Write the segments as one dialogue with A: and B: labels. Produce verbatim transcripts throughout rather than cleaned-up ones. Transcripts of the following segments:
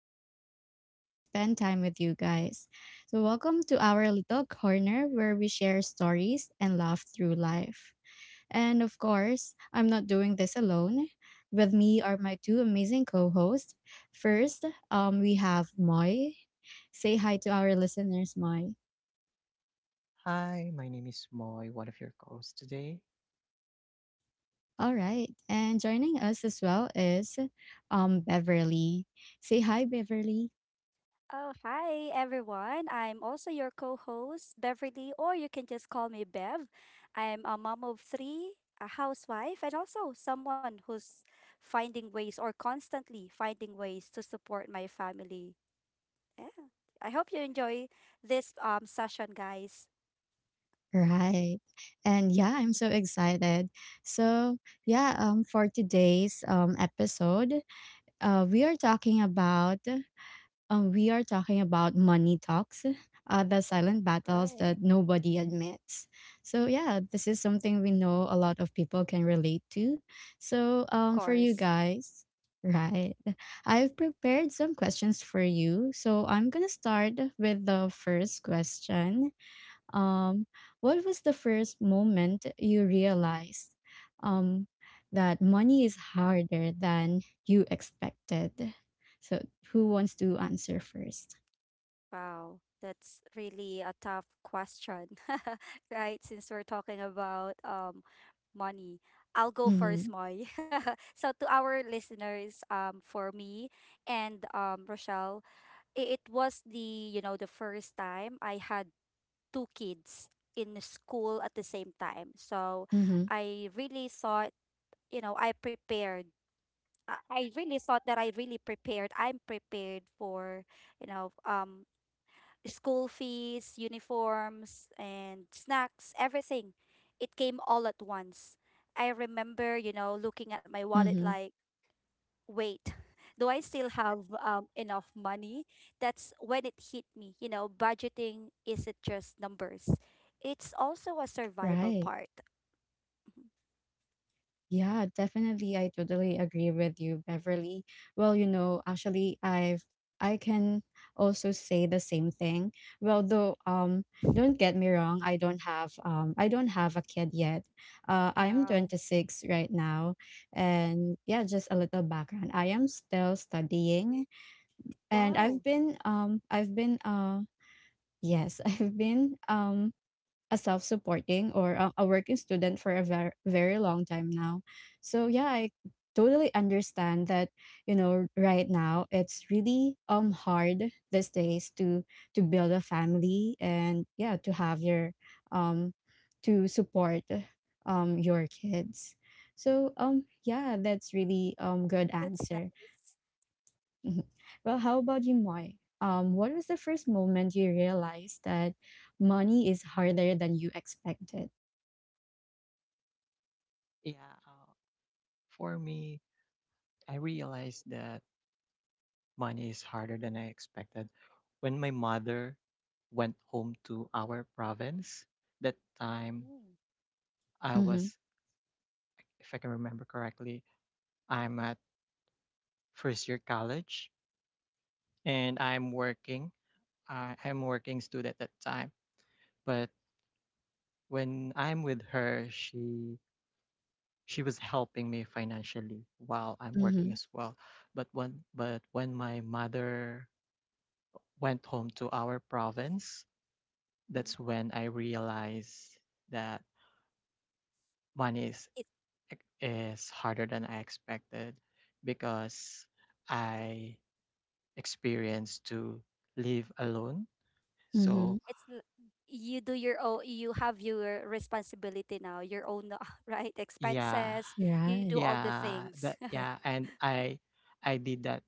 A: and I'm so excited to spend time with you guys. So, welcome to our little corner where we share stories and laugh through life. And of course, I'm not doing this alone. With me are my two amazing co hosts. First, um, we have Moy. Say hi to our listeners, Moy.
B: Hi, my name is Moy, one of your co-hosts today.
A: All right. And joining us as well is um, Beverly. Say hi, Beverly.
C: Oh, hi everyone. I'm also your co host, Beverly, or you can just call me Bev. I'm a mom of three, a housewife, and also someone who's finding ways or constantly finding ways to support my family. Yeah. I hope you enjoy this um, session, guys.
A: Right. And yeah, I'm so excited. So, yeah, um for today's um episode, uh we are talking about um we are talking about money talks, uh the silent battles
C: Right.
A: that nobody admits. So, yeah, this is something we know a lot of people can relate to.
C: Of
A: So, um for
C: course.
A: you guys, right. I've prepared some questions for you. So, I'm going to start with the first question. Um, what was the first moment you realized um, that money is harder than you expected? So, who wants to answer first?
C: Wow. That's really a tough question, right? Since we're talking about um, money. I'll go first,
A: Mm-hmm.
C: Moy. So to our listeners, um, for me and um, Rochelle, i- it was the you know the first time I had two kids in the school at the same time. So
A: Mm-hmm.
C: I really thought, you know, I prepared. I I really thought that I really prepared. I'm prepared for, you know, um, school fees, uniforms, and snacks, everything. It came all at once. I remember, you know, looking at my wallet
A: Mm-hmm.
C: like, wait, do I still have um, enough money? That's when it hit me. You know, budgeting isn't just numbers, it's also a survival
A: Right.
C: part.
A: Yeah, definitely. I totally agree with you, Beverly. Well, you know, actually, I've I can also say the same thing. Well, though, um, don't get me wrong, I don't have um, I don't have a kid yet. Uh, I'm
C: Uh,
A: twenty-six right now, and yeah, just a little background. I am still studying, and I've
C: wow,
A: been um, I've been uh, yes, I've been um a self-supporting or a, a working student for a very very long time now. So yeah, I totally understand that, you know, right now it's really um hard these days to to build a family, and yeah, to have your, um to support um your kids, so um yeah, that's really um good
C: that's
A: answer.
C: nice.
A: Mhm. Well, how about you, Moy? Um, what was the first moment you realized that money is harder than you expected?
B: Yeah, uh, for me, I realized that money is harder than I expected. When my mother went home to our province, that time
C: Mm.
B: I
A: Mm-hmm.
B: was, if I can remember correctly, I'm at first year college and I'm working. I I'm working student at that time. But when I'm with her, she she was helping me financially while I'm working
A: Mm-hmm.
B: as well. But when but when my mother went home to our province,
C: Mhm.
B: that's when I realized that money is
C: It,
B: is harder than I expected because I experienced to live alone.
A: Mm-hmm.
B: So
C: it's l- you do your own, you have your responsibility now, your own, uh, right?
B: yeah,
C: Expenses,
A: You're
C: you do
A: right.
C: all the
B: yeah,
C: things.
B: that yeah, and I I did that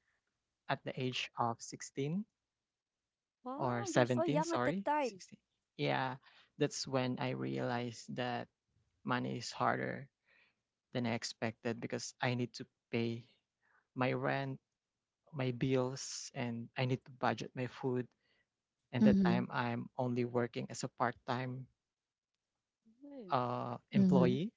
B: at the age of sixteen or
C: Wow, you're so
B: seventeen,
C: young at the
B: sorry,
C: time.
B: sixteen. Yeah, that's when I realized that money is harder than I expected because I need to pay my rent, my bills, and I need to budget my food. And that
A: Mm-hmm.
B: time I'm only working as a part-time uh,
A: Mm-hmm.
B: employee,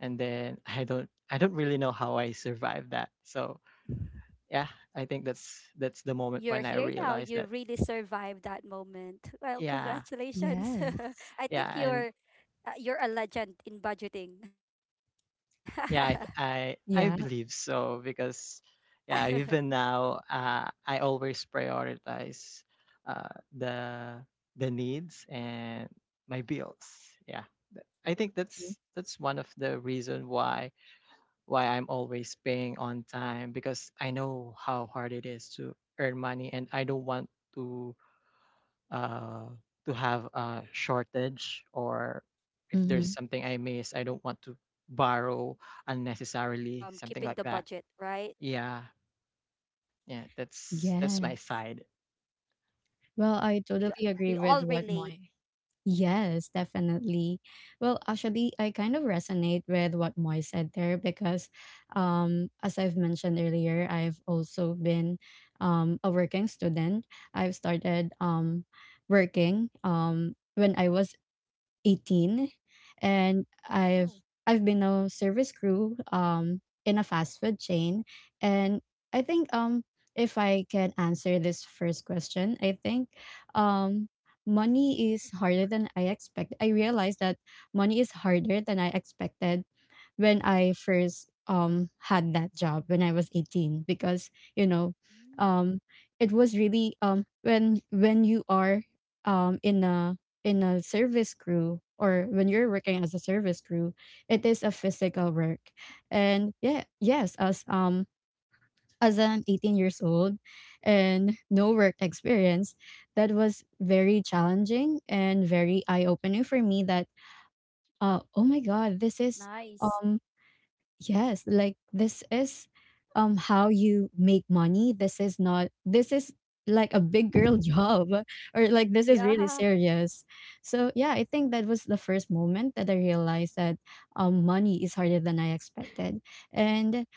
B: and then I don't I don't really know how I survived that. So
C: Mm.
B: yeah, I think that's that's the moment
C: You're
B: when I
C: here now.
B: realized
C: You
B: that.
C: really survived that moment. Well,
B: Yeah
C: congratulations.
A: Yes.
C: I think
B: yeah and
C: you're uh, you're a legend in budgeting.
B: yeah, I, th- I I
A: Yeah.
B: believe so because yeah, even now uh, I always prioritize uh, the the needs and my bills. Yeah, I think
A: Mm-hmm.
B: that's that's one of the reason why why I'm always paying on time, because I know how hard it is to earn money and I don't want to uh, to have a shortage, or if there's
A: Mm-hmm.
B: something I miss, I don't want to
C: It-
B: borrow
C: it struggles um
B: unnecessarily,
C: keeping the
B: something like
C: budget,
B: that.
C: right?
B: Yeah, yeah, that's that's my
A: Yes.
B: side.
C: We a- we all
A: Well, I
C: relate.
A: totally agree with what Moy. Yes, definitely. Well, actually, I kind of resonate with what Moy said there because, um, as I've mentioned earlier, I've also been um, a working student. I've started um, working um, when I was eighteen, and I've
C: Oh,
A: I've been a service crew um in a fast food chain, and I think um if I can answer this first question, I think um money is harder than I expect. I realized that money is harder than I expected when I first um had that job when I was eighteen because, you know,
C: mm,
A: um it was really, um when when you are um in a, in a service crew, or when you're working as a service crew, it is a physical work. And yeah, yes, as um as an eighteen years old and no work experience, that was very challenging and very eye opening for me that uh oh my god, this is,
C: nice.
A: um yes, like this is, um how you make money. This is not, this is like a big girl job or like this is really
C: Yeah.
A: serious. So yeah, I think that was the first moment that I realized that um money is harder than I expected. And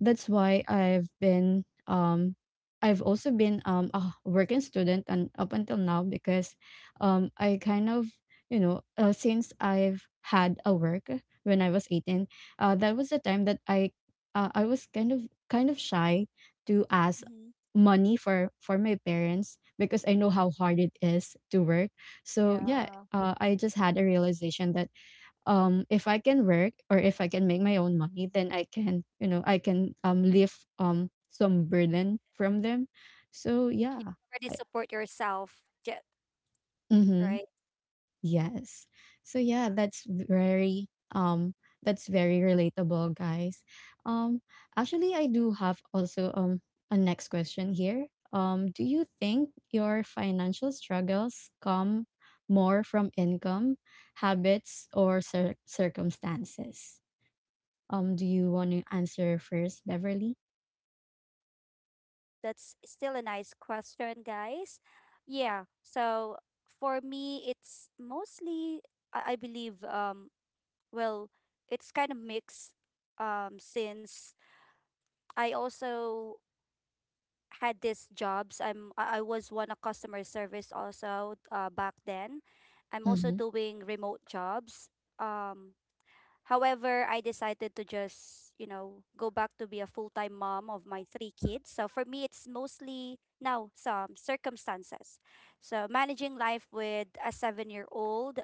A: that's why I've been um I've also been um a working student, and up until now, because um I kind of, you know, uh, since I've had a work when I was eighteen, uh, that was the time that I uh, I was kind of kind of shy to ask
C: Hmm.
A: money for for my parents, because I know how hard it is to work. So yeah,
C: Yeah.
A: uh, I just had a realization that um if I can work, or if I can make my own money, then I can you know I can um lift um some burden from them. So
C: You can
A: yeah,
C: already
A: I,
C: support yourself, jet,
A: mhm.
C: right?
A: Yes. So yeah, that's very, um that's very relatable, guys. Um actually, I do have also um a next question here. Um do you think your financial struggles come more from income, habits, or cir- circumstances? Um do you want to answer first, Beverly?
C: That's still a nice question, guys. Yeah. So for me, it's mostly I, I believe, um well, it's kind of mixed um since I also had these jobs. I'm I I was one a customer service also, uh, back then. I'm also
A: Mhm.
C: doing remote jobs. Um, however, I decided to just, you know, go back to be a full-time mom of my three kids. So for me, it's mostly now some circumstances. So managing life with a seven-year-old,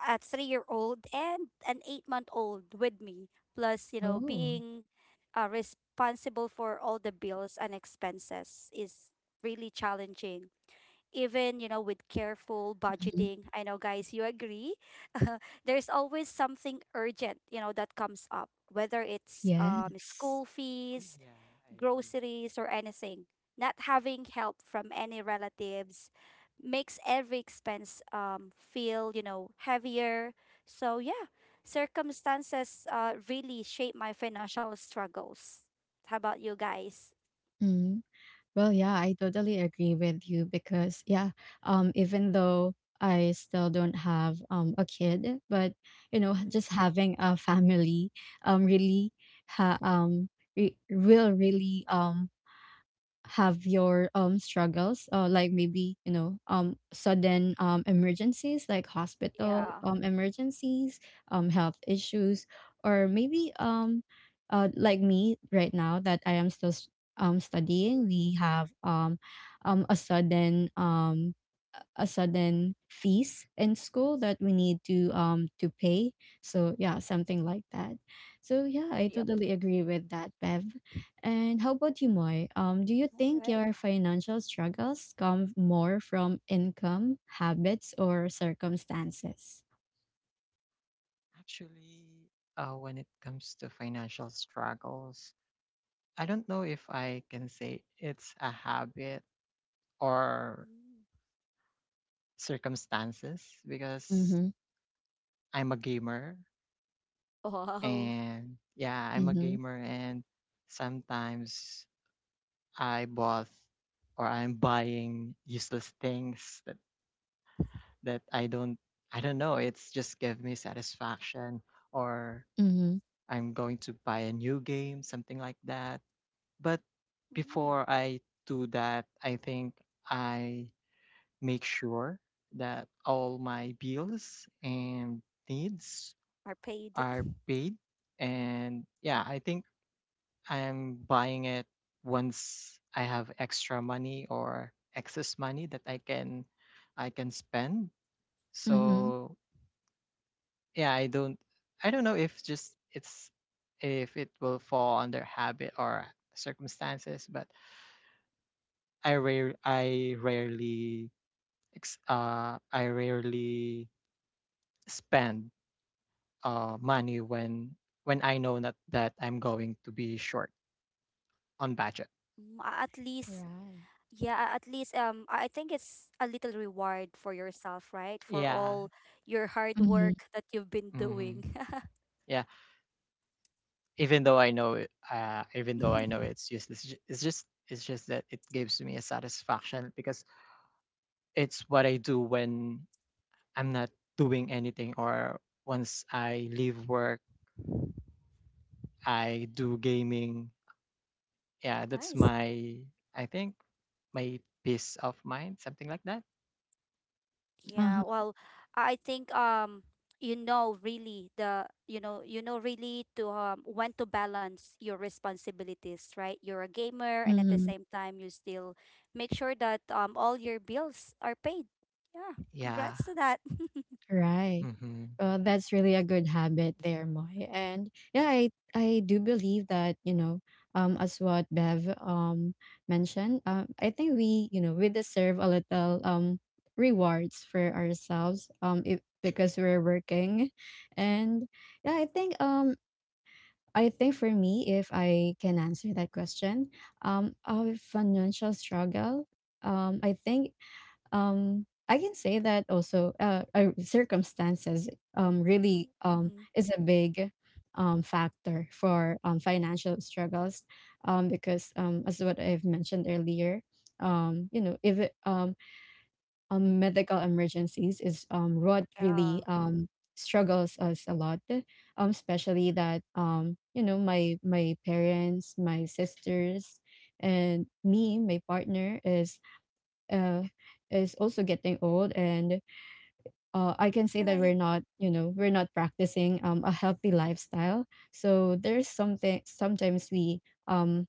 C: a three-year-old, and an eight-month-old with me, plus, you know,
A: Oh.
C: being uh, responsible for all the bills and expenses is really challenging, even, you know, with careful
A: Mhm.
C: budgeting. I know, guys, you agree. There's always something urgent, you know, that comes up, whether it's um,
A: Yes.
C: school fees,
B: Yeah, I agree.
C: groceries, or anything. Not having help from any relatives makes every expense um, feel, you know, heavier. So yeah, circumstances uh, really shape my financial struggles. How about you guys?
A: Mm-hmm. Well, yeah, I totally agree with you, because yeah, um, even though I still don't have um a kid, but, you know,
C: Mm,
A: just having a family um really, ha um re- will really um have your um struggles, uh, like, maybe, you know, um sudden um emergencies, like hospital
C: yeah.
A: um emergencies, um health issues, or maybe um uh like me right now, that I am still s- um studying. We have um um a sudden um a sudden fees in school that we need to um to pay. So yeah, something like that. So yeah, I
C: Yep.
A: totally agree with that, Bev. And how about you, Moy? Um, do you
C: All
A: think
C: right.
A: your financial struggles come more from income, habits, or circumstances?
B: Actually, uh, when it comes to financial struggles, I don't know if I can say it's a habit or
C: Mm.
B: circumstances, because
A: Mm-hmm.
B: I'm a gamer.
C: Wow.
B: And yeah, I'm a
A: Mm-hmm.
B: gamer, and sometimes I bought, or I'm buying useless things that, that I don't I don't know. It's just give me satisfaction, or
A: Mm-hmm.
B: I'm going to buy a new game, something like that. But
C: Mm,
B: before I do that, I think I make sure that all my bills and
C: are
B: needs
C: paid.
B: are paid. And yeah, I think I'm buying it once I have extra money or excess money that I can I can spend.
A: Mm-hmm.
B: So yeah, I don't I don't know if just it's if it will fall under habit or circumstances, but
C: Yeah.
B: I rare I rarely ex- uh I rarely spend uh money when when I know that that I'm going to be short on budget.
C: Mm, a- at least,
A: Right.
C: yeah, a- at least, um I I think it's a little reward for yourself, right? For
B: Yeah.
C: all your hard
A: Mm-hmm.
C: work that you've been
B: hmm
C: doing.
B: Yeah. even though I know it, uh, even though I know it's useless, ju- it's just it's just that it gives me a satisfaction, because it's what I do when I'm not doing anything, or once I leave work, I do gaming. Yeah, that's
C: Nice.
B: my, I think, my peace of mind, something like that.
C: Yeah,
A: Uh-huh.
C: well, I I think, um you know, really, the you know you know really, to, um when to balance your responsibilities, right? You're a gamer, and at the
A: Mm-hmm.
C: same time you still make sure that um all your bills are paid. Yeah,
B: Yeah.
C: congrats to that.
A: Right.
B: hmm
A: Uh, that's really a good habit there, Moy. And yeah, I I do believe that, you know, um, as what Bev um mentioned, um, I think we, you know, we deserve a little um rewards for ourselves um if, because we're working. And yeah, I think um I think for me, if I can answer that question, um, our financial struggle, um, I think um I can say that also, uh, uh circumstances um really um
C: Mm-hmm.
A: is a big um factor for um financial struggles, um because um as what I've mentioned earlier, um you know, if it, um, um medical emergencies is um what
C: Yeah.
A: really um struggles us a lot, um especially that, um you know, my my parents, my sisters, and me, my partner, is uh, is also getting old, and uh, I can say that
C: Right.
A: we're not, you know, we're not practicing, um, a healthy lifestyle, so there's something, sometimes we um,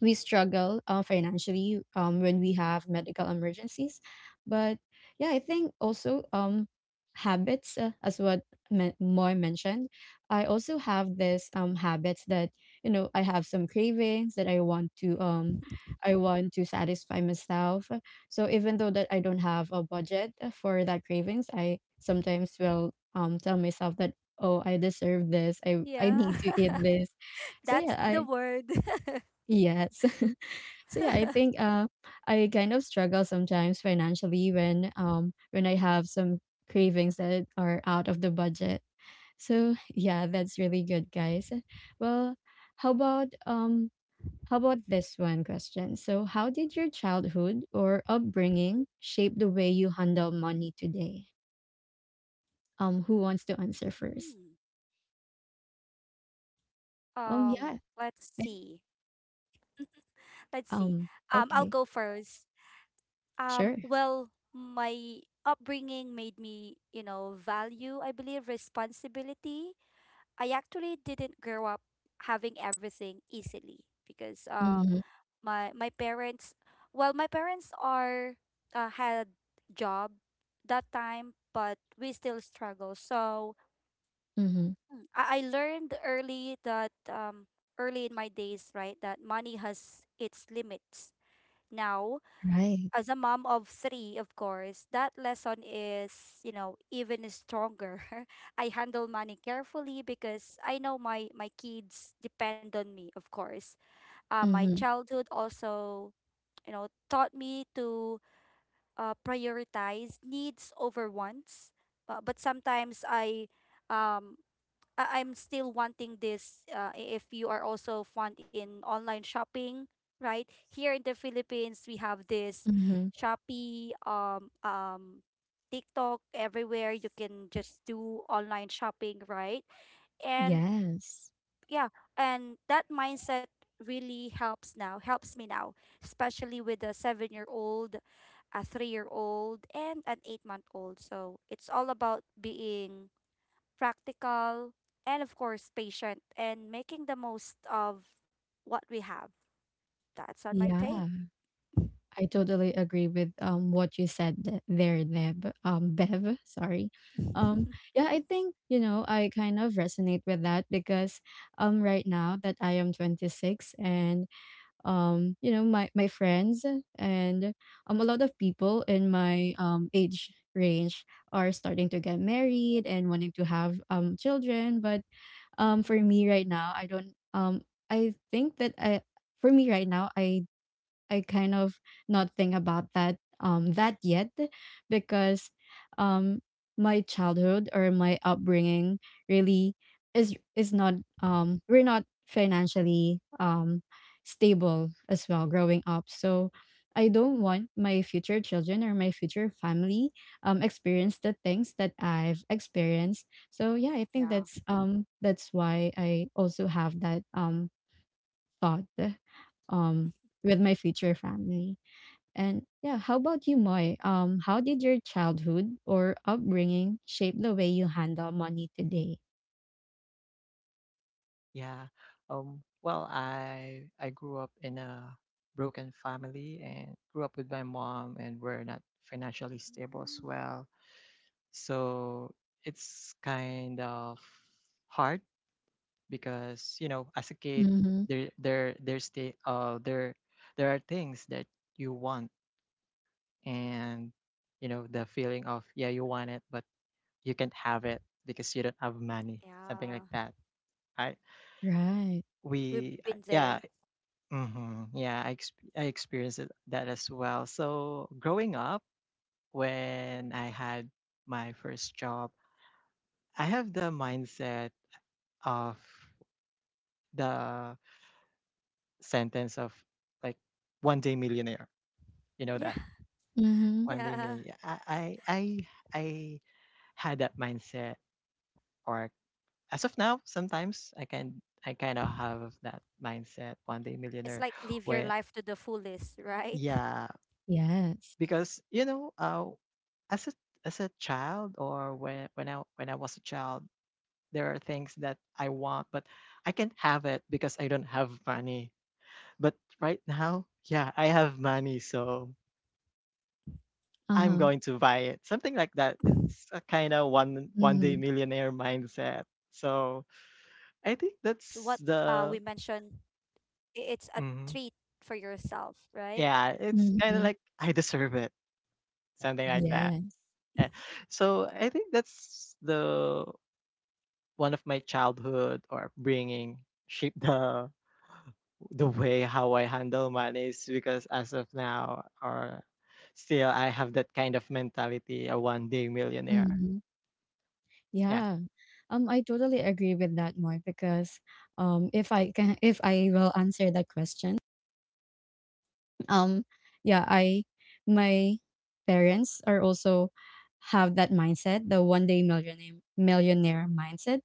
A: we struggle uh, financially, um, when we have medical emergencies. But yeah, I think also, um, habits, uh, as what Ma- moy mentioned, I also
C: Mm-hmm.
A: have this um, habits, that, you know, I have some cravings that i want to um, I want to satisfy myself, so even though that I don't have a budget for that cravings, I sometimes will um, tell myself that, oh, I deserve this, i I
C: Yeah.
A: need to eat this, so
C: That's the
A: yeah.
C: word.
A: Yes. So yeah, I think uh I kind of struggle sometimes financially when um when I have some cravings that are out of the budget. So yeah, that's really good, guys. Well, how about, um how about this one question? So how did your childhood or upbringing shape the way you handle money today? Um who wants to answer first?
C: Mm.
A: Um
C: Um,
A: yeah.
C: let's
A: I-
C: see. Let's see.
A: Um
C: Um, I'll
A: okay.
C: go first. Um,
A: Sure.
C: well, my upbringing made me, you know, value, I believe, responsibility. I actually didn't grow up having everything easily, because uh
A: Mhm.
C: my my parents, well, my parents are, uh, had job that time but we still struggle. So
A: Mhm.
C: i, I learned early that, um, early in my days, right, that money has its limits now.
A: Right.
C: As a mom of three, of course that lesson is, you know, even stronger. I handle money carefully because I know my my kids depend on me, of course. uh, my
A: Mhm.
C: childhood also, you know, taught me to uh, prioritize needs over wants. Uh, but sometimes I, um, I- I'm still wanting this. Uh, i- if you are also fond in online shopping, right? Here in the Philippines, we have this
A: Mhm.
C: Shopee, um, um, TikTok, everywhere. You can just do online shopping, right? And
A: Yes.
C: yeah, and that mindset really helps now, helps me now, especially with a seven year old, a three year old, and an eight month old. So it's all about being practical, and of course patient, and making the most of what we have. That's on my take.
A: Yeah, I totally agree with um what you said th- there, Neb. Um, Bev, sorry. Um,
C: Hmm.
A: yeah, I think, you know, I kind of resonate with that, because um right now, that I am twenty-six, and, um, you know, my my friends and um a lot of people in my um age range are starting to get married and wanting to have um children, but um for me right now, I don't, um I think that I, for me right now, I I kind of not think about that, um that yet, because um my childhood or my upbringing really is is not, um we're not financially um stable as well growing up, so I don't want my future children or my future family um experience the things that I've experienced. So yeah, I think
C: Yeah.
A: that's um that's why I also have that um thought um with my future family. And yeah, how about you, Moy? Um, how did your childhood or upbringing shape the way you handle money today?
B: Yeah. Um, well, I I grew up in a broken family and grew up with my mom, and we're not financially stable as
C: Mm.
B: well. So it's kind of hard because, you know, as a kid,
A: Mm-hmm.
B: there there there's the uh there there are things that you want, and you know the feeling of, yeah, you want it but you can't have it because you don't have money, something like
C: Yeah,
B: that. I
A: Right.
C: we've
B: we
C: been
B: uh,
C: there.
B: yeah Mhm. Yeah, I exp I experienced it- that as well. So growing up, when I had my first job, I have the mindset of the sentence of like one day millionaire. You know
C: Yeah.
B: that
A: Mhm.
B: one day
C: Yeah,
B: millionaire. I I I, I had that mindset, or as of now, sometimes I can I kind of have that mindset, one day
C: it's
B: millionaire,
C: like live your
B: where,
C: life to the fullest, right?
B: yeah,
A: Yes.
B: because you know, uh, as a, as a child, or when when I when I was a child, there are things that I want but I can't have it because I don't have money. But right now, yeah, I have money, so I'm
A: Uh-huh.
B: going to buy it, something like that. It's a kind of one
A: Mhm.
B: one day
A: Mhm.
B: millionaire mindset. So
C: Yes, and
B: I think
C: as what
B: that's
C: uh we
B: the,
C: mentioned, i- it's a
B: Mhm.
C: treat for yourself, right?
B: Yeah, it's kind
A: Yes.
B: of like, I deserve it, something like that. Yeah. So I think that's the one of my childhood or bringing shape the the way how I handle money is, because as of now, or still, I have that kind of mentality, a one day millionaire.
A: Mhm.
B: Yeah.
A: Yeah. Um, I totally agree with that, Moy, because um, if I can, if I will answer that question, um, yeah, I, my parents are also have that mindset, the one day millionaire millionaire mindset,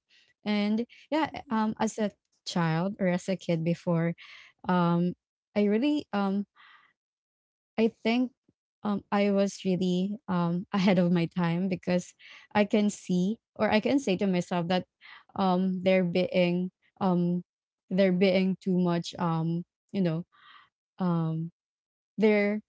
A: and yeah,
C: Mhm.
A: um, as a child or as a kid before, um, I really, um I think, um, I was really, um, ahead of my time, because I can see, or I can say to myself that, um, they're being um, they're being too much, um, you know, um, they're,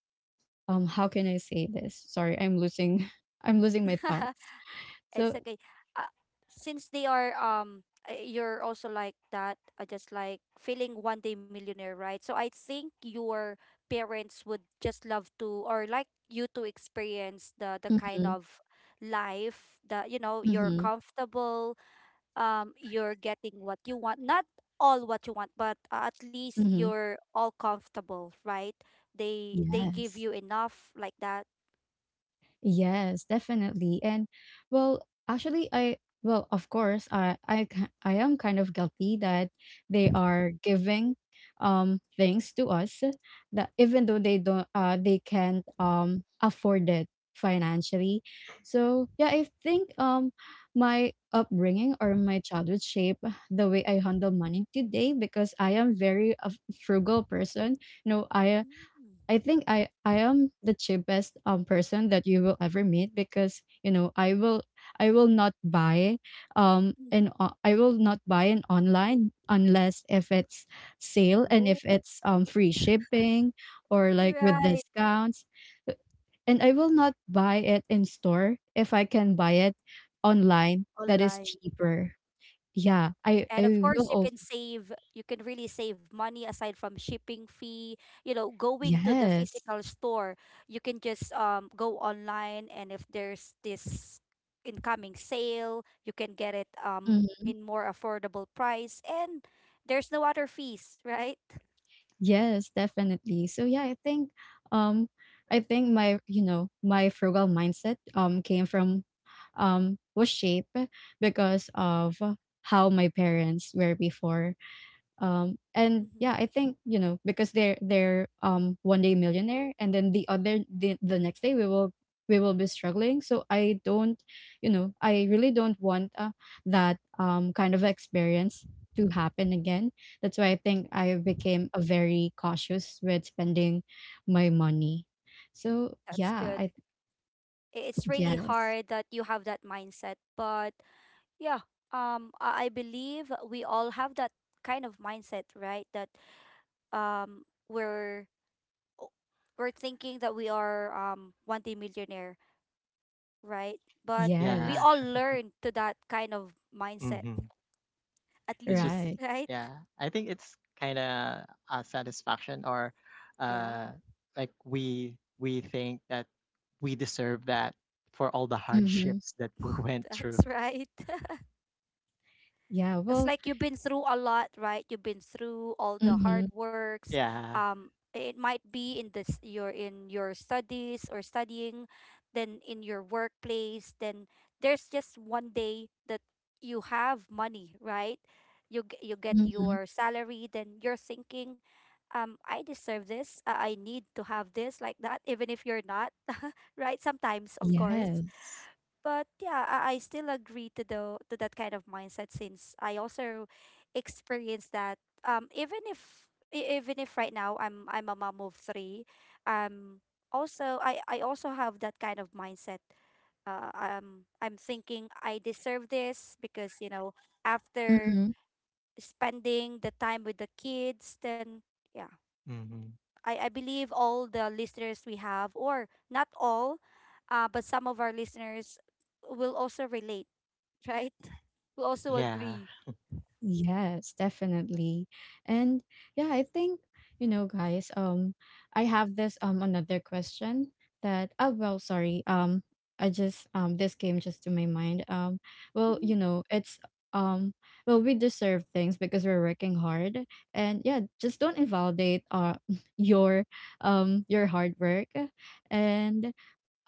A: um, how can I say this? Sorry, I'm losing I'm losing my thoughts.
C: It's
A: So
C: okay. Uh, since they are, um uh, you're also like that, uh, just like feeling one day millionaire, right? So I think your parents would just love to, or like you to, experience the the kind
A: mm-hmm,
C: of life that, you know, you're
A: mm-hmm,
C: comfortable, um you're getting what you want, not all what you want, but uh, at least
A: mm-hmm.
C: you're all comfortable, right, they they give
A: Yes.
C: you enough like that.
A: Yes, definitely. And well, actually, I well, of course, I I ki- I am kind of guilty that they are giving um things to us, that even though they don't uh they can't um afford it financially. So yeah, I think um my upbringing or my childhood shape the way I handle money today, because I am very a frugal person. No, I
C: Mm.
A: I think I I am the cheapest um person that you will ever meet because you know I will I will not buy um
C: Mm.
A: and I will not buy an online unless if it's sale and
C: Oh.
A: if it's um free shipping or like with
C: Right.
A: discounts. Uh, and I will not buy it in store if I can buy it online that is
C: Online.
A: cheaper. Yeah, I
C: And of
A: I will
C: course, you
A: also
C: can save, you can really save money aside from shipping fee. You know, going to the
A: yes.
C: physical store, you can just um go online, and if there's this incoming sale, you can get it um
A: Mm-hmm.
C: in more affordable price, and there's no other fees, right?
A: Yes, definitely. So yeah, I think um I think my you know my frugal mindset um came from um was shaped because of how my parents were before, um, and
C: Mm-hmm.
A: yeah, I think, you know, because they're they're um one day millionaire and then the other the, the next day we will we will be struggling. So I don't, you know, I really don't want, uh, that um kind of experience to happen again. That's why I think I became a very cautious with spending my money. So
C: That's
A: yeah,
C: good.
A: I
C: I- It's really
A: yes.
C: hard that you have that mindset, but yeah, um, I I believe we all have that kind of mindset, right? That, um we're o- we're thinking that we are um one day millionaire, right? But we
B: Yeah.
A: Yes.
C: all learn to that kind of mindset,
B: hmm
C: at
B: It's just,
C: least,
A: Right.
C: right?
B: yeah. I think it's kind of a satisfaction, or
C: Yeah.
B: uh like we we think that we deserve that for all the
A: Mm-hmm.
B: hardships that we went
C: That's
B: through.
C: right.
A: Yeah,
C: It's
A: well,
C: like you've been through a lot, right? You've been through all the
A: mm-hmm,
C: hard works.
B: Yeah.
C: Um, it might be in this, you're in your studies or studying, then in your workplace. Then there's just one day that you have money, right? You g- you get
A: mm-hmm.
C: your salary. Then you're thinking, um, I deserve this. I I need to have this, like that. Even if you're not, right? Sometimes, of course.
A: Yes.
C: But yeah, I, I still agree to the to that kind of mindset, since I also experienced that. Um, even if e- even if right now I'm I'm a mom of three, um, also I I also have that kind of mindset, uh, um, I'm thinking I deserve this because, you know, after
A: Mm-hmm.
C: spending the time with the kids, then yeah,
B: hmm
C: I, I believe all the listeners we have, or not all, uh, but some of our listeners will also relate, right? Who also
B: Yeah.
C: agree.
A: Yes, definitely. And yeah, I think, you know, guys, um, I have this um another question that oh well, sorry. Um I just um this came just to my mind. Um well,
C: Mhm.
A: you know, it's um well we deserve things because we're working hard, and yeah, just don't invalidate uh your um your hard work. and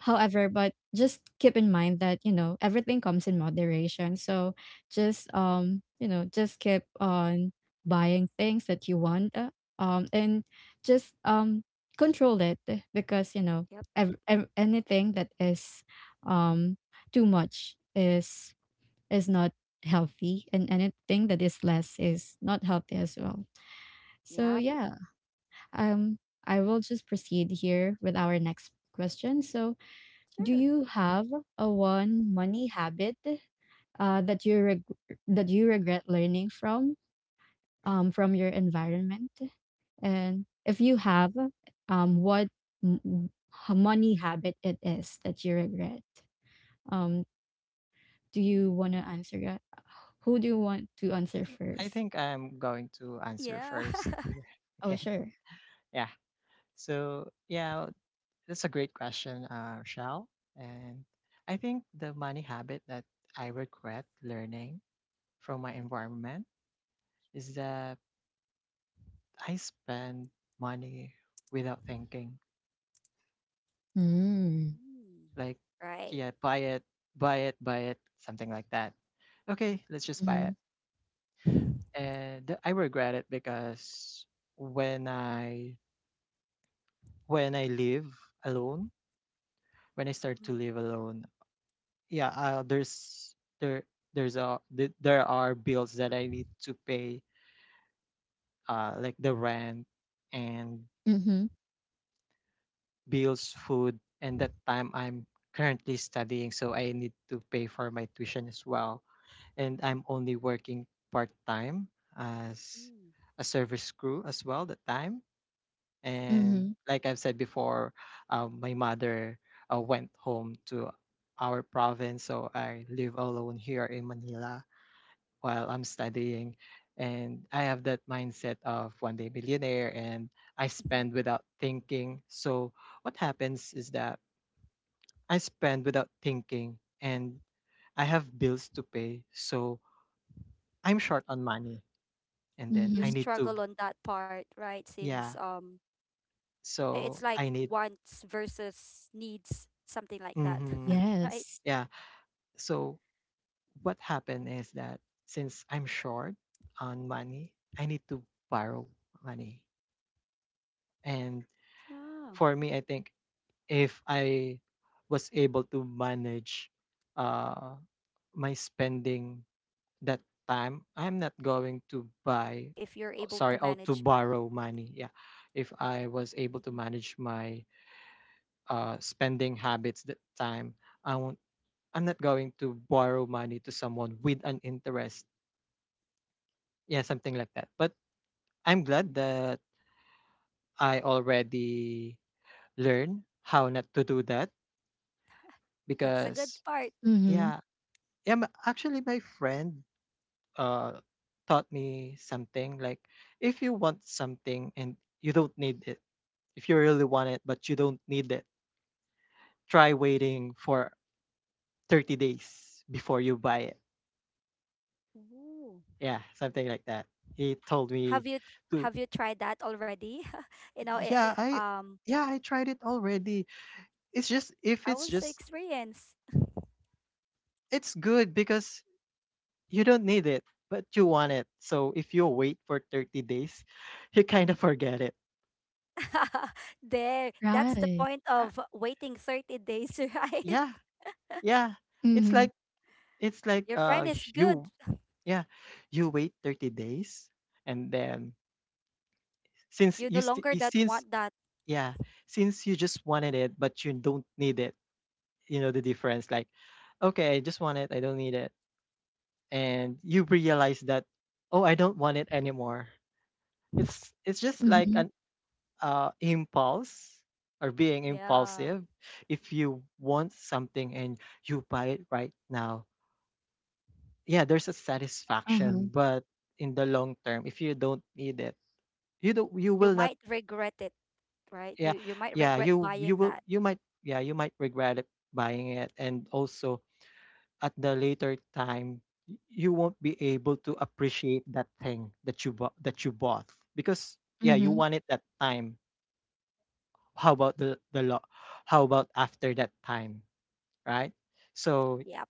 A: However, but just keep in mind that, you know, everything comes in moderation. So just, um, you know, just keep on buying things that you want, uh, um and just um control it because, you know,
C: Yep,
A: ev- ev- anything that is um too much is is not healthy, and anything that is less is not healthy as well. So
C: yep.
A: yeah, um I will just proceed here with our next question. So, do
C: Sure.
A: you have a one money habit, uh, that you reg- that you regret learning from, um, from your environment? And if you have, um, what m- h- money habit it is that you regret? Um, do
C: Mm.
A: you want to answer that? Who do you want to
B: I
A: answer
B: think I
A: first?
B: think I'm going to answer
C: Yeah.
B: first here.
A: Oh,
B: Okay.
A: sure.
B: Yeah. So yeah, that's a great question, uh, Shell. And I think the money habit that I regret learning from my environment is that I spend money without thinking.
A: Mm.
C: Mm.
B: Like,
C: Right.
B: yeah, buy it, buy it, buy it, something like that. Okay, let's just buy
A: Mm-hmm.
B: it. And I regret it because when I when I live alone when I start to
C: Mm.
B: live alone, yeah, uh, there's there there's a th- there are bills that I need to pay, uh, like the rent and
A: Mm-hmm.
B: bills, food, and that time I'm currently studying, so I need to pay for my tuition as well, and I'm only working part time as
C: Mm.
B: a service crew as well that time.
A: Mm-hmm.
B: And like I've said before, um, my mother uh, went home to our province, so I live alone here in Manila while I'm studying. And I have that mindset of one day millionaire, and I
C: Mhm.
B: spend without thinking. So what happens is that I spend without thinking, and I have bills to pay, so I'm short on money, and then
C: You
B: I
A: Mm-hmm.
B: need to,
C: struggle on that part, right? Since,
B: yeah.
C: um i- it's
B: So
C: like
B: I need,
C: wants versus needs, something like that.
B: mm-hmm,
C: Right?
A: Yes.
B: yeah. So what happened is that since I'm short on money, I need to borrow money. And
C: Yeah.
B: for me, I think if I was able to manage uh, my spending that time, I'm
C: Your
B: not
C: money,
B: going
C: right?
B: to
C: I- If
B: buy,
C: you're able
B: oh,
C: to
B: sorry, out
C: manage.
B: to borrow money. Yeah. If I was able to
C: Mhm.
B: manage my uh, spending habits that time, I won't, I'm not going to borrow money to someone with an interest. Yeah, something like that. But I'm glad
C: Mm.
B: that I already learned how not to do that
C: That's a good
B: because
C: part.
A: Mm-hmm.
B: yeah, yeah, m- actually my friend uh taught me something like, if you want something and you don't need it, if you really want it but you don't need it, try waiting for thirty days before you buy it.
C: Ooh.
B: Yeah, something like that. He told me
C: Have you
B: to,
C: have you tried that already? You know, i- i-
B: yeah, I
C: um
B: yeah, I tried it already. It's just if
C: I
B: it's
C: was the
B: just
C: experience.
B: it's good because you don't need it, but you want it. So if you wait for thirty days, you kind of forget it.
C: There, that's the
A: Right.
C: point
B: Uh,
C: of waiting thirty days, right?
B: yeah, yeah. It's
A: Mm-hmm.
B: like it's like
C: Your
B: uh
C: friend is
B: you
C: good.
B: yeah, you wait thirty days, and then since
C: You no
B: you st-
C: longer
B: you-
C: that
B: since
C: want that.
B: yeah, since you just wanted it but you don't need it. You know the difference, like, okay, I just want it, I don't need it. And you realize that, oh, I don't want it anymore. It's it's just like
A: Mm-hmm.
B: an uh, impulse, or being
C: Yeah.
B: impulsive. If you want something and you buy it right now, yeah, there's a satisfaction,
A: Uh-huh.
B: but in the long term, if you don't need it, you don't you
C: You
B: will not,
C: might regret it, right?
B: yeah
C: You you might
B: yeah
C: regret
B: you you
C: buying
B: will
C: that.
B: you might yeah, you might regret it buying it. And also, at the later time, y- you won't be able to appreciate that thing that you bought that you bought, because yeah, you
A: Mm-hmm.
B: want it that time. How about the the law, how about after that time, right? So
C: Yep.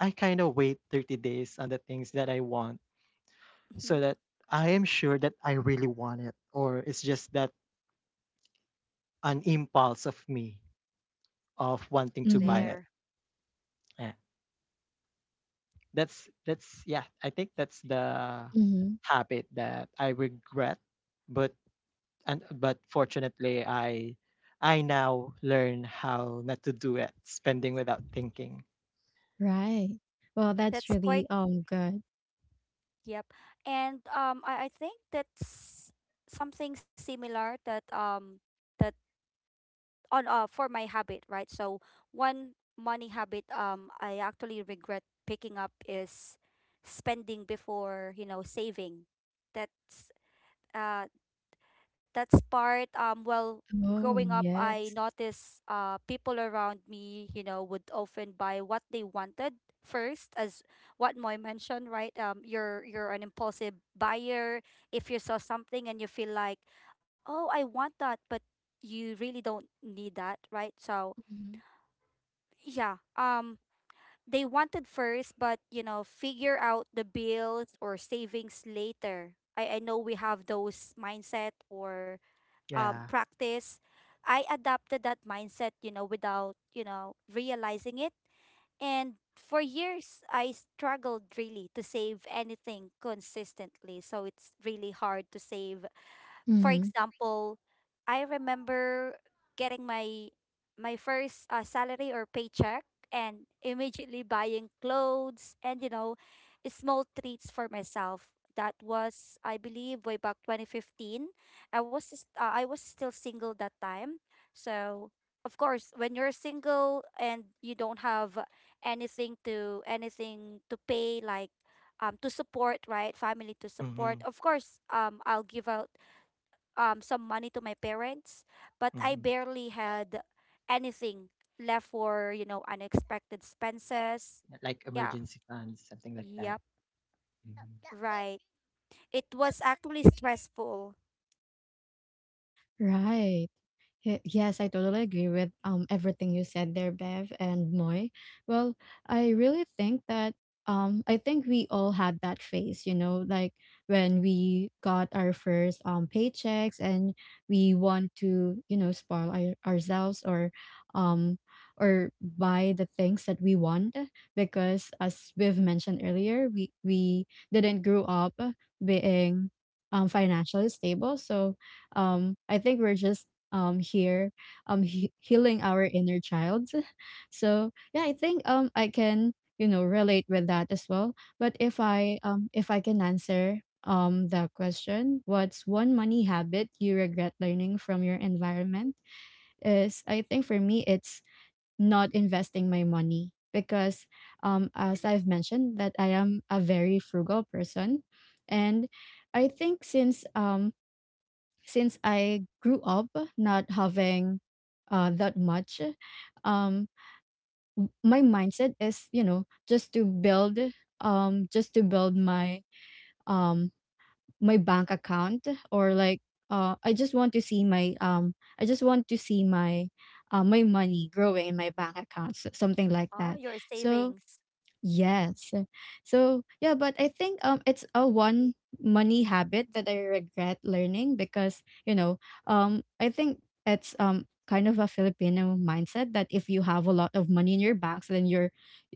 B: I kind of wait thirty days on the things that I want, so that I am sure that I really want it, or it's just that an impulse of me of wanting to buy
A: Mhm,
B: it.
C: There.
B: Yeah, that's that's yeah I think that's the
A: mhm,
B: habit that I regret. But and but fortunately, i i now learn how not to do it, spending without thinking.
A: right. Well, that's
C: That's quite,
A: really, um, good.
C: yep. And, um I, I think that's something similar that, um that. On uh for my habit, right? So one money habit, um I actually regret picking up is spending before, you know, saving. That's, uh that's part, um well,
A: Oh,
C: growing up I
A: yes.
C: noticed uh people around me, you know, would often buy what they wanted first, as what Moy mentioned, right, um you're you're an impulsive buyer. If you saw something and you feel like, oh, I want that, but you really don't need that, right? So
A: Mhm,
C: yeah, um they wanted first, but, you know, figure out the bills or savings later. I i know we have those mindset or, um,
B: Yeah.
C: practice. I adopted that mindset, you know, without, you know, realizing it. And for years, I struggled really to save anything consistently. So it's really hard to save, for
A: mhm,
C: example. I remember getting my my first, uh, salary or paycheck, and immediately buying clothes and, you know, small treats for myself. That was, I believe, way back twenty fifteen. I was s- uh, I was still single that time. So, of course, when you're single and you don't have anything, to anything to pay like um to support, right? Family to support.
B: Mm-hmm.
C: Of course, um I'll give out um some money to my parents, but I
B: Mm-hmm.
C: barely had anything left for, you know, unexpected expenses.
B: Like
C: Yeah.
B: emergency funds, something like that.
C: Yep.
B: hmm
C: Right. It was actually stressful.
A: right. Ye- Yes, I totally agree with um everything you said there, Bev and Moy. Well, I really think that um I think we all had that phase, you know, like when we got our first um paychecks, and we want to, you know, spoil our, ourselves, or um, or buy the things that we want because as we've mentioned earlier, we we didn't grow up being um financially stable. So um I think we're just um here um he- healing our inner child. So yeah, I think um I can, you know, relate with that as well. But if I, um if I can answer um the question, what's one money habit you regret learning from your environment? Is, I think for me it's not investing my money because, um as I've mentioned that I am a very frugal person, and I think since um since I grew up not having, uh, that much, um, w- my mindset is, you know, just to build, um, just to build my, um, my bank account, or like, uh, I just want to see my, um, I just want to see my uh, my money growing in my bank accounts, something like
C: Ah,
A: that.
C: your
A: So,
C: savings.
A: yes. So yeah, but I think um it's a one money habit that I regret learning, because, you know, um I think it's um kind of a Filipino mindset that if you have a lot of money in your banks, then you're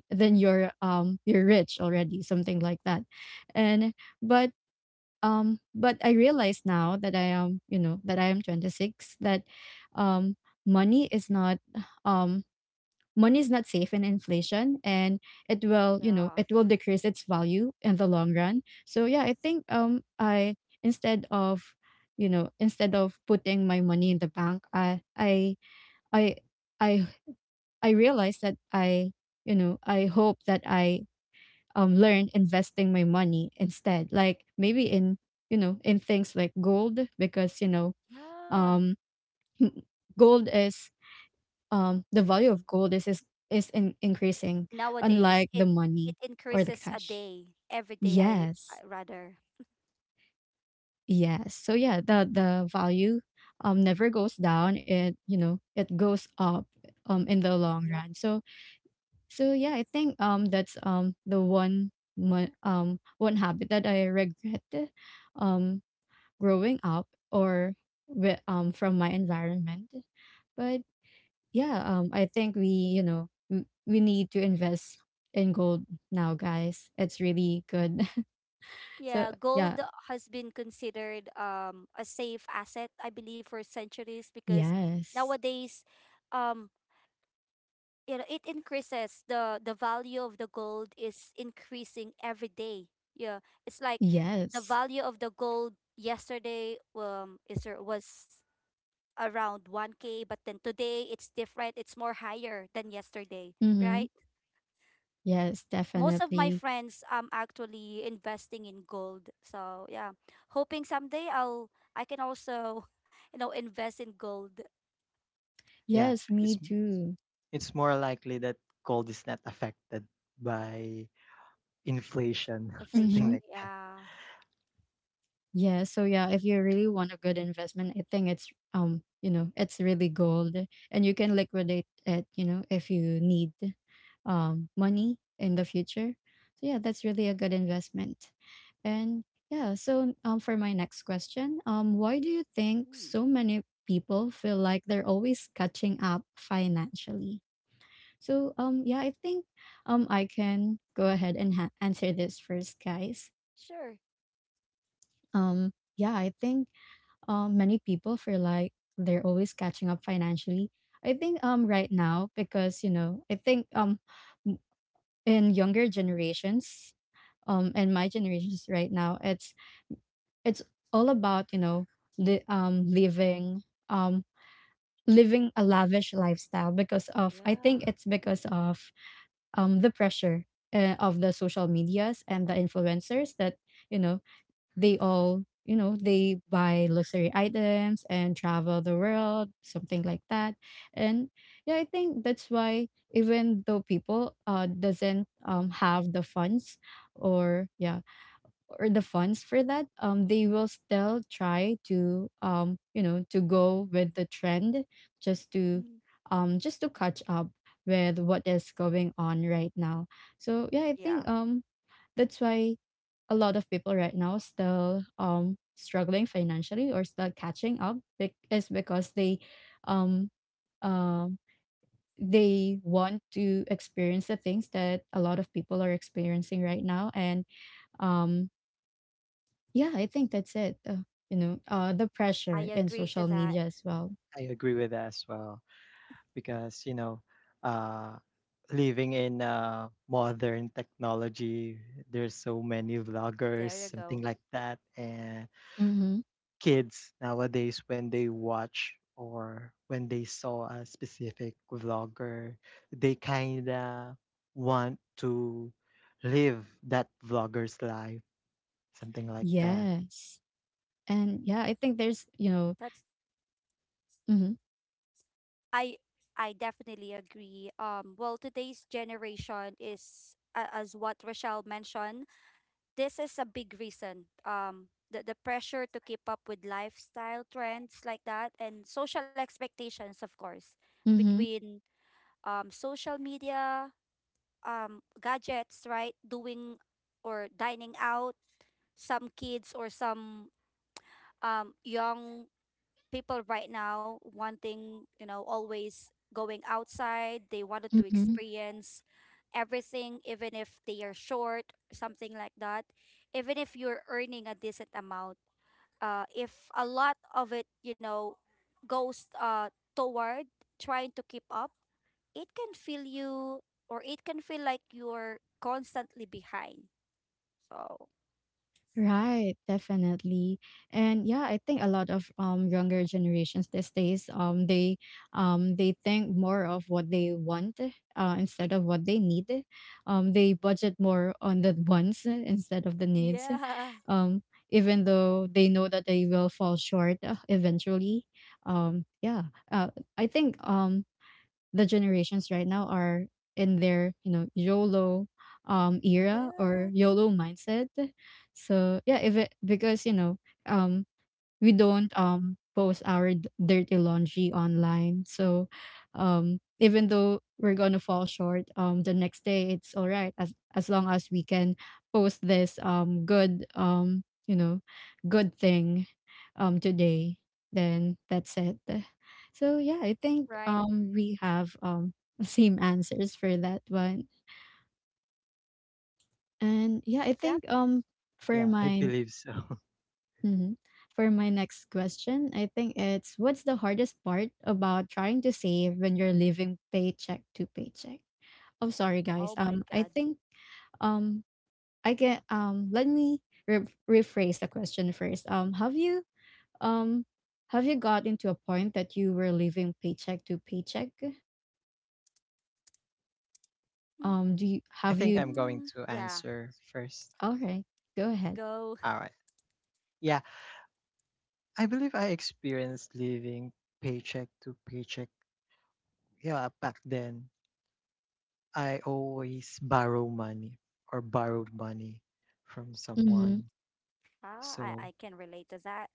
A: then you're um you're rich already, something like that, and but um but I realize now that I am, you know, that I am twenty six, that um money is not, um money is not safe in inflation, and it will, you know,
C: Yeah.
A: it will decrease its value in the long run. So yeah, I think um I instead of, you know, instead of putting my money in the bank, i i i i, I realized that, I you know, I hope that I um learn investing my money instead, like maybe in, you know, in things like gold, because, you know,
C: Yeah.
A: um gold is, um the value of gold is is, is in, increasing,
C: Nowadays,
A: unlike
C: it
A: the
C: it
A: money or the
C: increases a
A: cash.
C: day. Every day I,
A: Yes,
C: I rather.
A: yes so yeah, the the value um never goes down, it, you know, it goes up um in the long
C: Yep.
A: run. So, so yeah, I think, um that's um the one, mo- um one habit that I regret, um growing up, or with, um from my environment. But yeah, um, I think we, you know, w- we need to invest in gold now, guys. It's really good. So
C: Yeah,
A: yeah,
C: gold has been considered um a safe asset, I believe, for centuries because
A: yes,
C: nowadays, um you know it increases the the value of the gold is increasing every day. Yeah, it's like the
A: yes,
C: value of the gold yesterday um is ar- was around one k, but then today it's different, it's more higher than yesterday,
A: mm-hmm.
C: right?
A: Yes,
C: Most of my
A: definitely,
C: friends um actually investing in gold, so yeah, hoping someday i'll I can also you know invest in gold.
B: Yeah.
A: yes,
B: It's
A: me too.
B: it's more likely that gold is not affected by inflation, something
C: Inflation,
A: Mm-hmm.
B: like that.
C: yeah.
A: Yeah, so yeah, if you really want a good investment, I think it's, um, you know, it's really gold, and you can liquidate it, you know, if you need um money in the future. So yeah, that's really a good investment. And yeah, so um for my next question, um, why do you think
C: Mm,
A: so many people feel like they're always catching up financially? So um yeah, I think um I can go ahead and ha- answer this first, guys.
C: sure,
A: Um, yeah, I think, um, many people feel like they're always catching up financially. I think um right now, because, you know, I think, um m- in younger generations, um and my generations right now, it's it's all about, you know, the, um living um living a lavish lifestyle because of, I
C: yeah.
A: think it's because of um the pressure, uh, of the social medias and the influencers that, you know, they all you know they buy luxury items and travel the world, something like that. And yeah, I think that's why, even though people, uh doesn't um have the funds, or yeah or the funds for that, um they will still try to, um you know, to go with the trend, just to,
C: Mhm.
A: um just to catch up with what is going on right now. So yeah, I
C: Yeah,
A: think, um that's why a lot of people right now still um struggling financially, or still catching up, bec- is because they, um um they want to experience the things that a lot of people are experiencing right now. And um yeah, I think that's it, uh, you know, uh the
C: I
A: pressure in
C: agree to
A: social
C: that.
A: media as well.
B: I agree with that as well, because, you know, uh living in uh modern technology, there's so many vloggers,
C: There you
B: something
C: go.
B: like that, and
A: Mm-hmm.
B: kids nowadays, when they watch or when they saw a specific vlogger, they kinda want to live that vlogger's life, something like that.
A: Yes, and yeah, I think there's, you know,
C: That's
A: mm-hmm,
C: I I definitely agree. Um well, today's generation is a- as what Rochelle mentioned, this is a big reason. Um the, the pressure to keep up with lifestyle trends like that and social expectations, of course,
A: mm-hmm,
C: between um social media, um gadgets, right? Doing or dining out, some kids or some um young people right now wanting, you know, always going outside. They wanted to
A: mm-hmm.
C: experience everything, even if they are short, something like that. Even if you're earning a decent amount, uh, if a lot of it, you know, goes uh, toward trying to keep up, it can feel you or it can feel like you're constantly behind. So,
A: Right, definitely. And yeah, I think a lot of um younger generations these days, um they um they think more of what they want, uh, instead of what they need. Um, they budget more on the wants, uh, instead of the needs.
C: yeah.
A: Um, even though they know that they will fall short, uh, eventually. Um yeah, uh, I think um the generations right now are in their, you know, YOLO um era, or
C: Yeah.
A: YOLO mindset. So yeah, if it, because, you know, um we don't um post our d- dirty laundry online. So, um even though we're gonna fall short, um the next day it's all right, as as long as we can post this um good, um you know, good thing um today, then that's it. So yeah, I think
C: Right.
A: um we have, um same answers for that one. And yeah, I
C: Yep.
A: think, um for
B: Yeah, I
A: mine,
B: believe so.
A: hmm, for my next question, I think it's, what's the hardest part about trying to save when you're living paycheck to paycheck? Oh, sorry, guys.
C: Oh my
A: Um, I
C: God.
A: think um, I get, um. Let me re- rephrase the question first. Um, have you, um, have you got into a point that you were living paycheck to paycheck? Um, do
C: Mm,
A: you,
B: I
A: have
C: yeah.
B: think
A: you?
B: I'm going to answer first.
A: All
C: Go,
A: right, go ahead.
B: All right. Yeah, I believe I experienced living paycheck to paycheck. Yeah, back then I always borrow money or borrowed money from
A: Mm-hmm.
B: someone.
C: ah,
B: So
C: I, I can relate to that.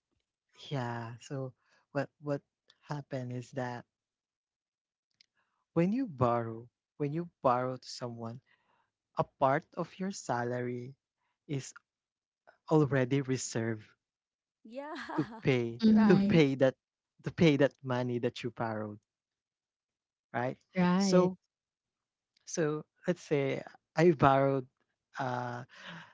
B: yeah. So what what happened is that when you borrow, when you borrow to someone, a part of your salary is already reserved
C: Yeah,
B: to pay, to
A: Mm-hmm.
C: right.
B: pay that, to pay that money that you borrowed, right?
A: Right.
B: So, so let's say I borrowed, uh,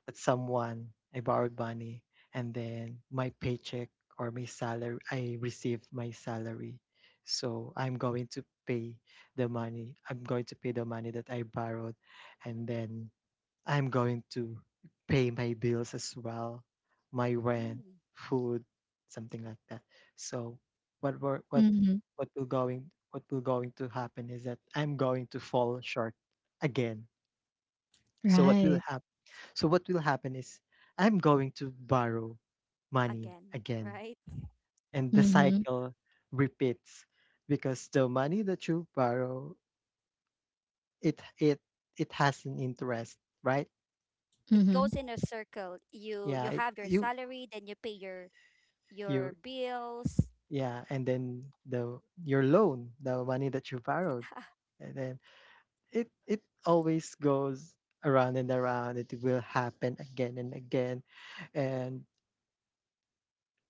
B: at someone, I borrowed money, and then my paycheck or my salary, I received my salary. So I'm going to pay the money. I'm going to pay the money that I borrowed, and then I'm going to pay my bills as well, my rent,
C: Mm,
B: food, something like that. So what were what
A: Mm-hmm.
B: what will going what will going to happen is that I'm going to fall short again. So what will
A: Right.
B: happen? So what will happen is I'm going to borrow money
C: again,
B: again,
C: right?
B: and the
A: Mm-hmm.
B: cycle repeats because the money that you borrow it it it has an interest, right?
C: It
A: Mm-hmm.
C: goes in a circle. You
B: Yeah,
C: you
B: it
C: have your
B: you
C: salary, then you pay your your
B: you
C: bills.
B: Yeah, and then the your loan, the money that you borrowed, and then it it always goes around and around. It will happen again and again. And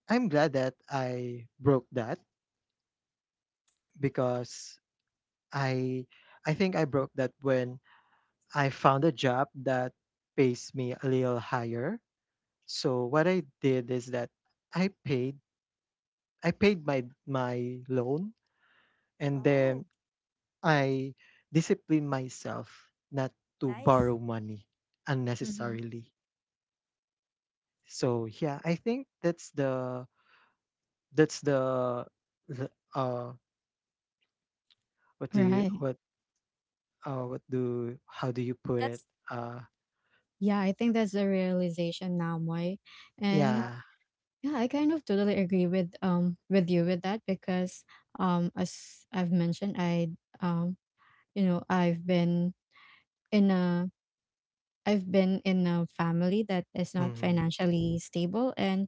B: I'm glad that I broke that because I I think I broke that when I found a job that pays me a little higher. So what I did is that I paid I paid my my loan, and
C: Wow,
B: then I discipline myself not to
C: nice.
B: borrow money
A: Mm-hmm.
B: unnecessarily. So yeah, I think that's the that's the, the uh what do you
A: Right.
B: what uh what do how do you put it
C: That's
B: uh
A: Yeah, I think that's the realization now, Moy. And
C: yep.
B: yeah.
A: yeah, I kind of totally agree with, um with you with that, because, um as I've mentioned, I um you know, I've been in a, I've been in a family that is not
B: Mm-hmm,
A: financially stable, and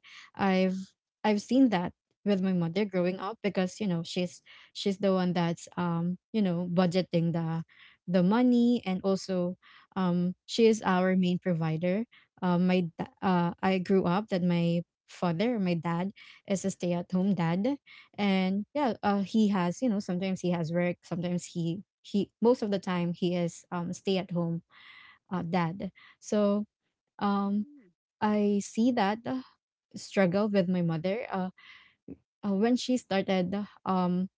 C: Mm-hmm.
A: I've I've seen that with my mother growing up, because, you know, she's she's the one that's, um you know, budgeting the the money, and also um she is our main provider. Um my da- uh I grew up that my father my dad is a stay-at-home dad, and yeah, uh, he has, you know, sometimes he has work, sometimes he he most of the time he is, um stay at home, uh, dad. So, um,
C: Mm,
A: I see that, uh, struggle with my mother, uh, uh, when she started, um,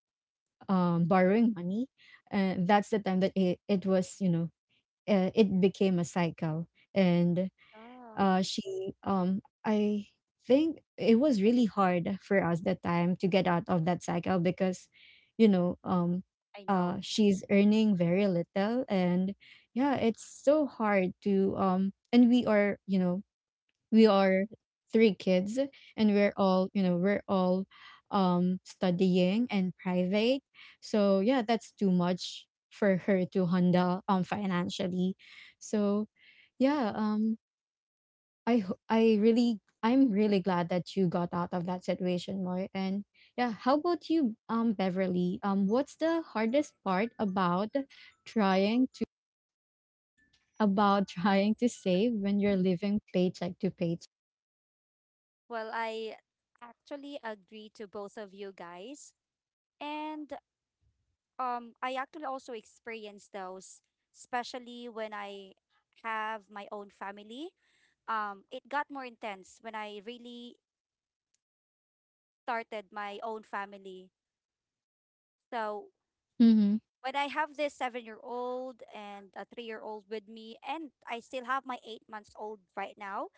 A: um, borrowing money. Uh, that's the time that it, it was, you know, uh, it became a cycle. And
C: ah,
A: uh, she, um, I think it was really hard for us that time to get out of that cycle because, you know, um,
C: I
A: uh,
C: know.
A: she's earning very little, and yeah, it's so hard to um and we are you know we are three kids, and we're all you know we're all um studying and private. So yeah, that's too much for her to handle um financially. So yeah, um i ho- i really i'm really glad that you got out of that situation more. And yeah, how about you, um Beverly? Um what's the hardest part about trying to about trying to save when you're living paycheck to paycheck?
C: Well, I actually agree to both of you guys. And um I actually also experience those, especially when I have my own family. Um it got more intense when I really started my own family. So
A: Mm-hmm.
C: when I have this seven year old and a three year old with me, and I still have my eight months old right now,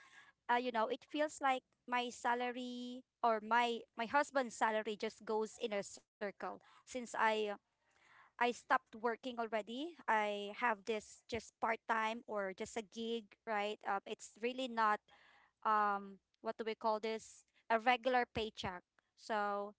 C: uh, you know, it feels like my salary or my my husband's salary just goes in a circle since I uh, I stopped working already. I have this just part time or just a gig, right? Um, it's really not um what do we call this, a regular paycheck. So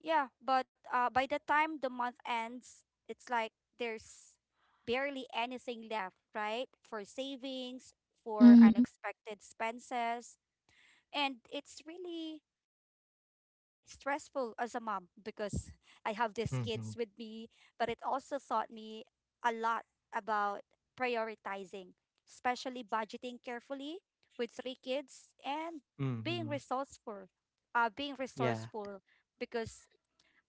C: yeah, but uh, by the time the month ends, it's like there's barely anything left, right? For savings, for
A: Mm-hmm.
C: unexpected expenses, and it's really stressful as a mom because I have these kids with me,
B: mm-hmm,
C: but it also taught me a lot about prioritizing, especially budgeting carefully with three kids and being
B: mm-hmm,
C: resourceful, uh, being
B: yeah,
C: resourceful because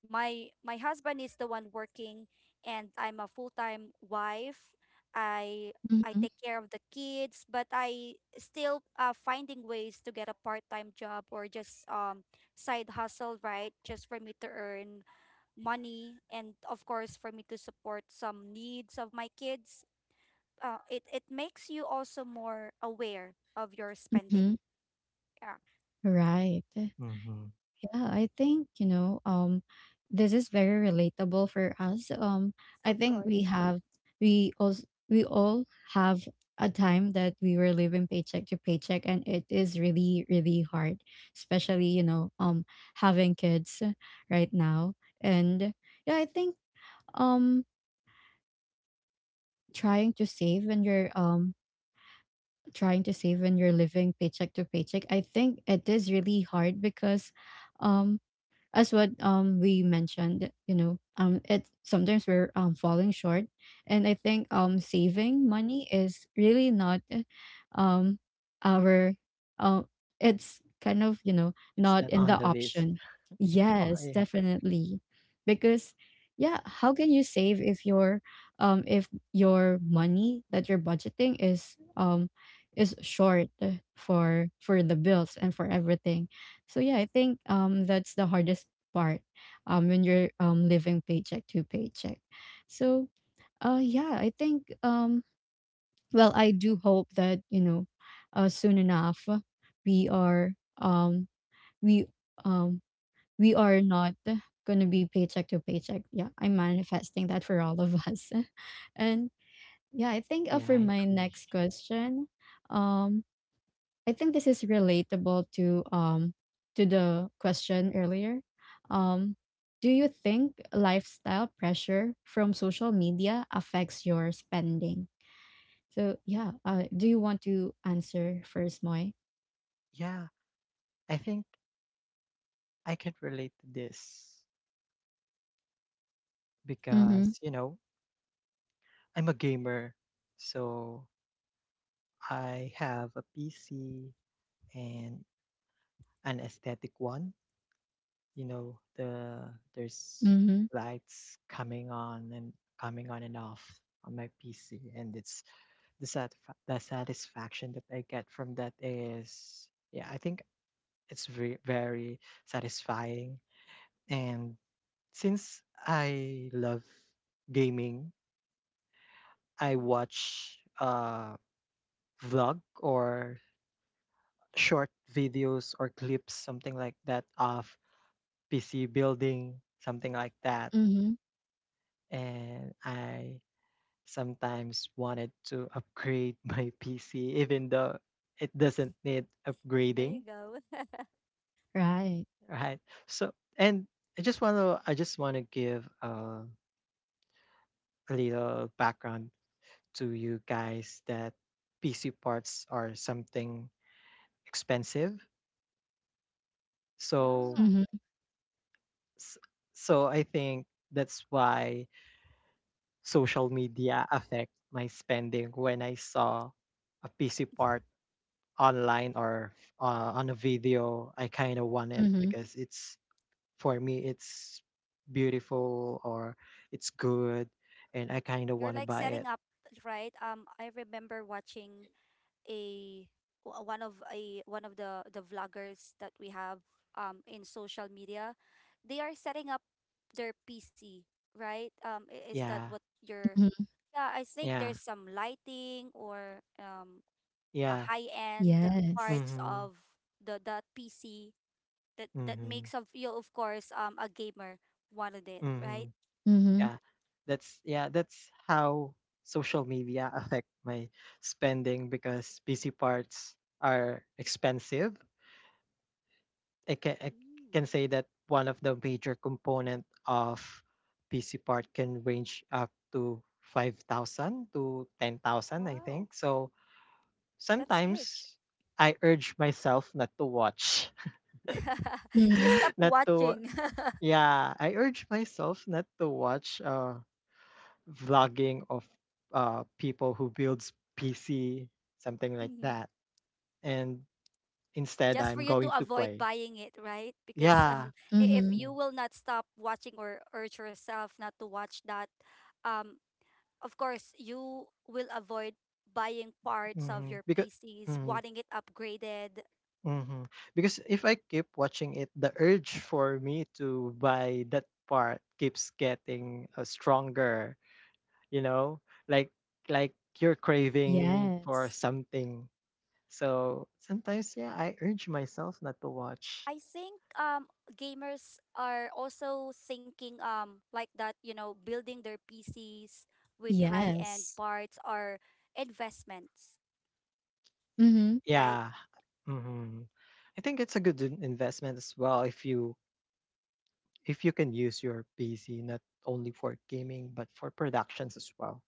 C: my my husband is the one working and I'm a full-time wife. I I
A: Mm-hmm.
C: take care of the kids, but I still uh, finding ways to get a part-time job or just um side hustle, right? Just for me to earn money and of course for me to support some needs of my kids. Uh, it it makes you also more aware of your
A: Mhm.
C: spending. Yeah,
A: Right.
B: mm-hmm.
A: Yeah, I think, you know, um this is very relatable for us. Um I
C: of
A: think
C: course.
A: we have we also we all have a time that we were living paycheck to paycheck, and it is really really hard, especially, you know, um having kids right now. And yeah, I think um trying to save when you're um trying to save when you're living paycheck to paycheck, I think it is really hard because um as what um we mentioned, you know um it sometimes we're um falling short. And I think um saving money is really not um our um it's kind of, you know,
B: It's
A: not
B: not
A: in
B: on
A: the
B: the list.
A: option.
B: Yeah, oh,
A: Yes,
B: yeah,
A: definitely. Because yeah, how can you save if your um if your money that you're budgeting is um is short for for the bills and for everything? So yeah, I think um that's the hardest part um when you're um living paycheck to paycheck. So uh yeah, I think um well, I do hope that, you know, uh, soon enough, uh, we are um we um we are not gonna be paycheck to paycheck. Yeah, I'm manifesting that for all of us. And yeah, I think uh,
B: yeah,
A: for
B: I
A: my
B: agree.
A: next question, um I think this is relatable to um to the question earlier. Um, do you think lifestyle pressure from social media affects your spending? So yeah, uh, do you want to answer first, Moy?
B: Yeah, I think I can relate to this
A: Mm-hmm.
B: because, you know, I'm a gamer, so I have a P C and an aesthetic one. You know, the
A: Yes.
B: there's
A: Mm-hmm.
B: lights coming on and coming on and off on my P C, and it's the satisfa- the satisfaction that I get from that is, yeah, I think it's very very satisfying. And since I love gaming, I
C: Hmm.
B: watch uh vlog or short videos or clips, something like that, of P C building, something like that.
A: Mm-hmm.
B: And I sometimes wanted to upgrade my P C, even though it doesn't need
C: There you
B: upgrading,
C: go.
A: Right.
B: right? So, and I just want to, I just want to give uh, a little background to you guys that P C parts are something expensive. So,
C: Yeah.
A: Mm-hmm.
B: s- so I think that's why social media affect my spending when I saw a piece of art online or uh, on a video, I kind of want it
A: Mm-hmm.
B: because it's, for me, it's beautiful or it's good, and I kind of
C: You're
B: want to
C: like
B: buy
C: setting
B: it.
C: up, right? Um, I remember watching a w- one of a one of the the vloggers that we have um in social media. They are setting up their P C, right? Um, i- is that
B: Yeah,
C: what you're?
A: Mm-hmm.
C: Yeah, I think
B: yeah,
C: there's some lighting or um a
B: yeah.
C: high end
A: Yes.
C: parts
B: Mhm,
C: of the that P C that that
B: mhm,
C: makes of you, of course, um, a gamer wanted it, right?
B: mhm.
A: Mm-hmm.
B: Yeah, that's yeah that's how social media affect my spending, because P C parts are expensive. I can I
C: Mm,
B: can say that one of the major component of P C part can range up to five thousand to ten thousand, I
C: wow,
B: think. So
C: that's huge.
B: sometimes I urge myself not to watch.
A: Yeah.
C: You
A: Mm-hmm.
C: stop
B: not to
C: watching.
B: Yeah, I urge myself not to watch uh vlogging of uh people who builds P C, something like
C: Mhm.
B: that, and instead
C: Just for
B: I'm
C: you to
B: going to
C: avoid
B: play.
C: buying it, right? Because
B: Yeah.
C: um, i- if
A: Mm-hmm.
C: you will not stop watching or urge yourself not to watch that, um, of course, you will avoid buying parts of
B: Mm-hmm.
C: your
B: Because
C: P Cs,
B: mm-hmm.
C: wanting it upgraded.
B: Mhm. Because if I keep watching it, the urge for me to buy that part keeps getting uh, stronger, you know? Like like you're craving for
A: Yes.
B: something. So sometimes, yeah, I urge myself not to watch.
C: I think um, gamers are also thinking um, like that, you know, building their P Cs with high end
A: Yes.
C: parts are investments,
A: Mm-hmm.
C: right?
B: Yeah. Mhm. I think it's a good in- investment as well if you if you can use your P C not only for gaming but for productions as well.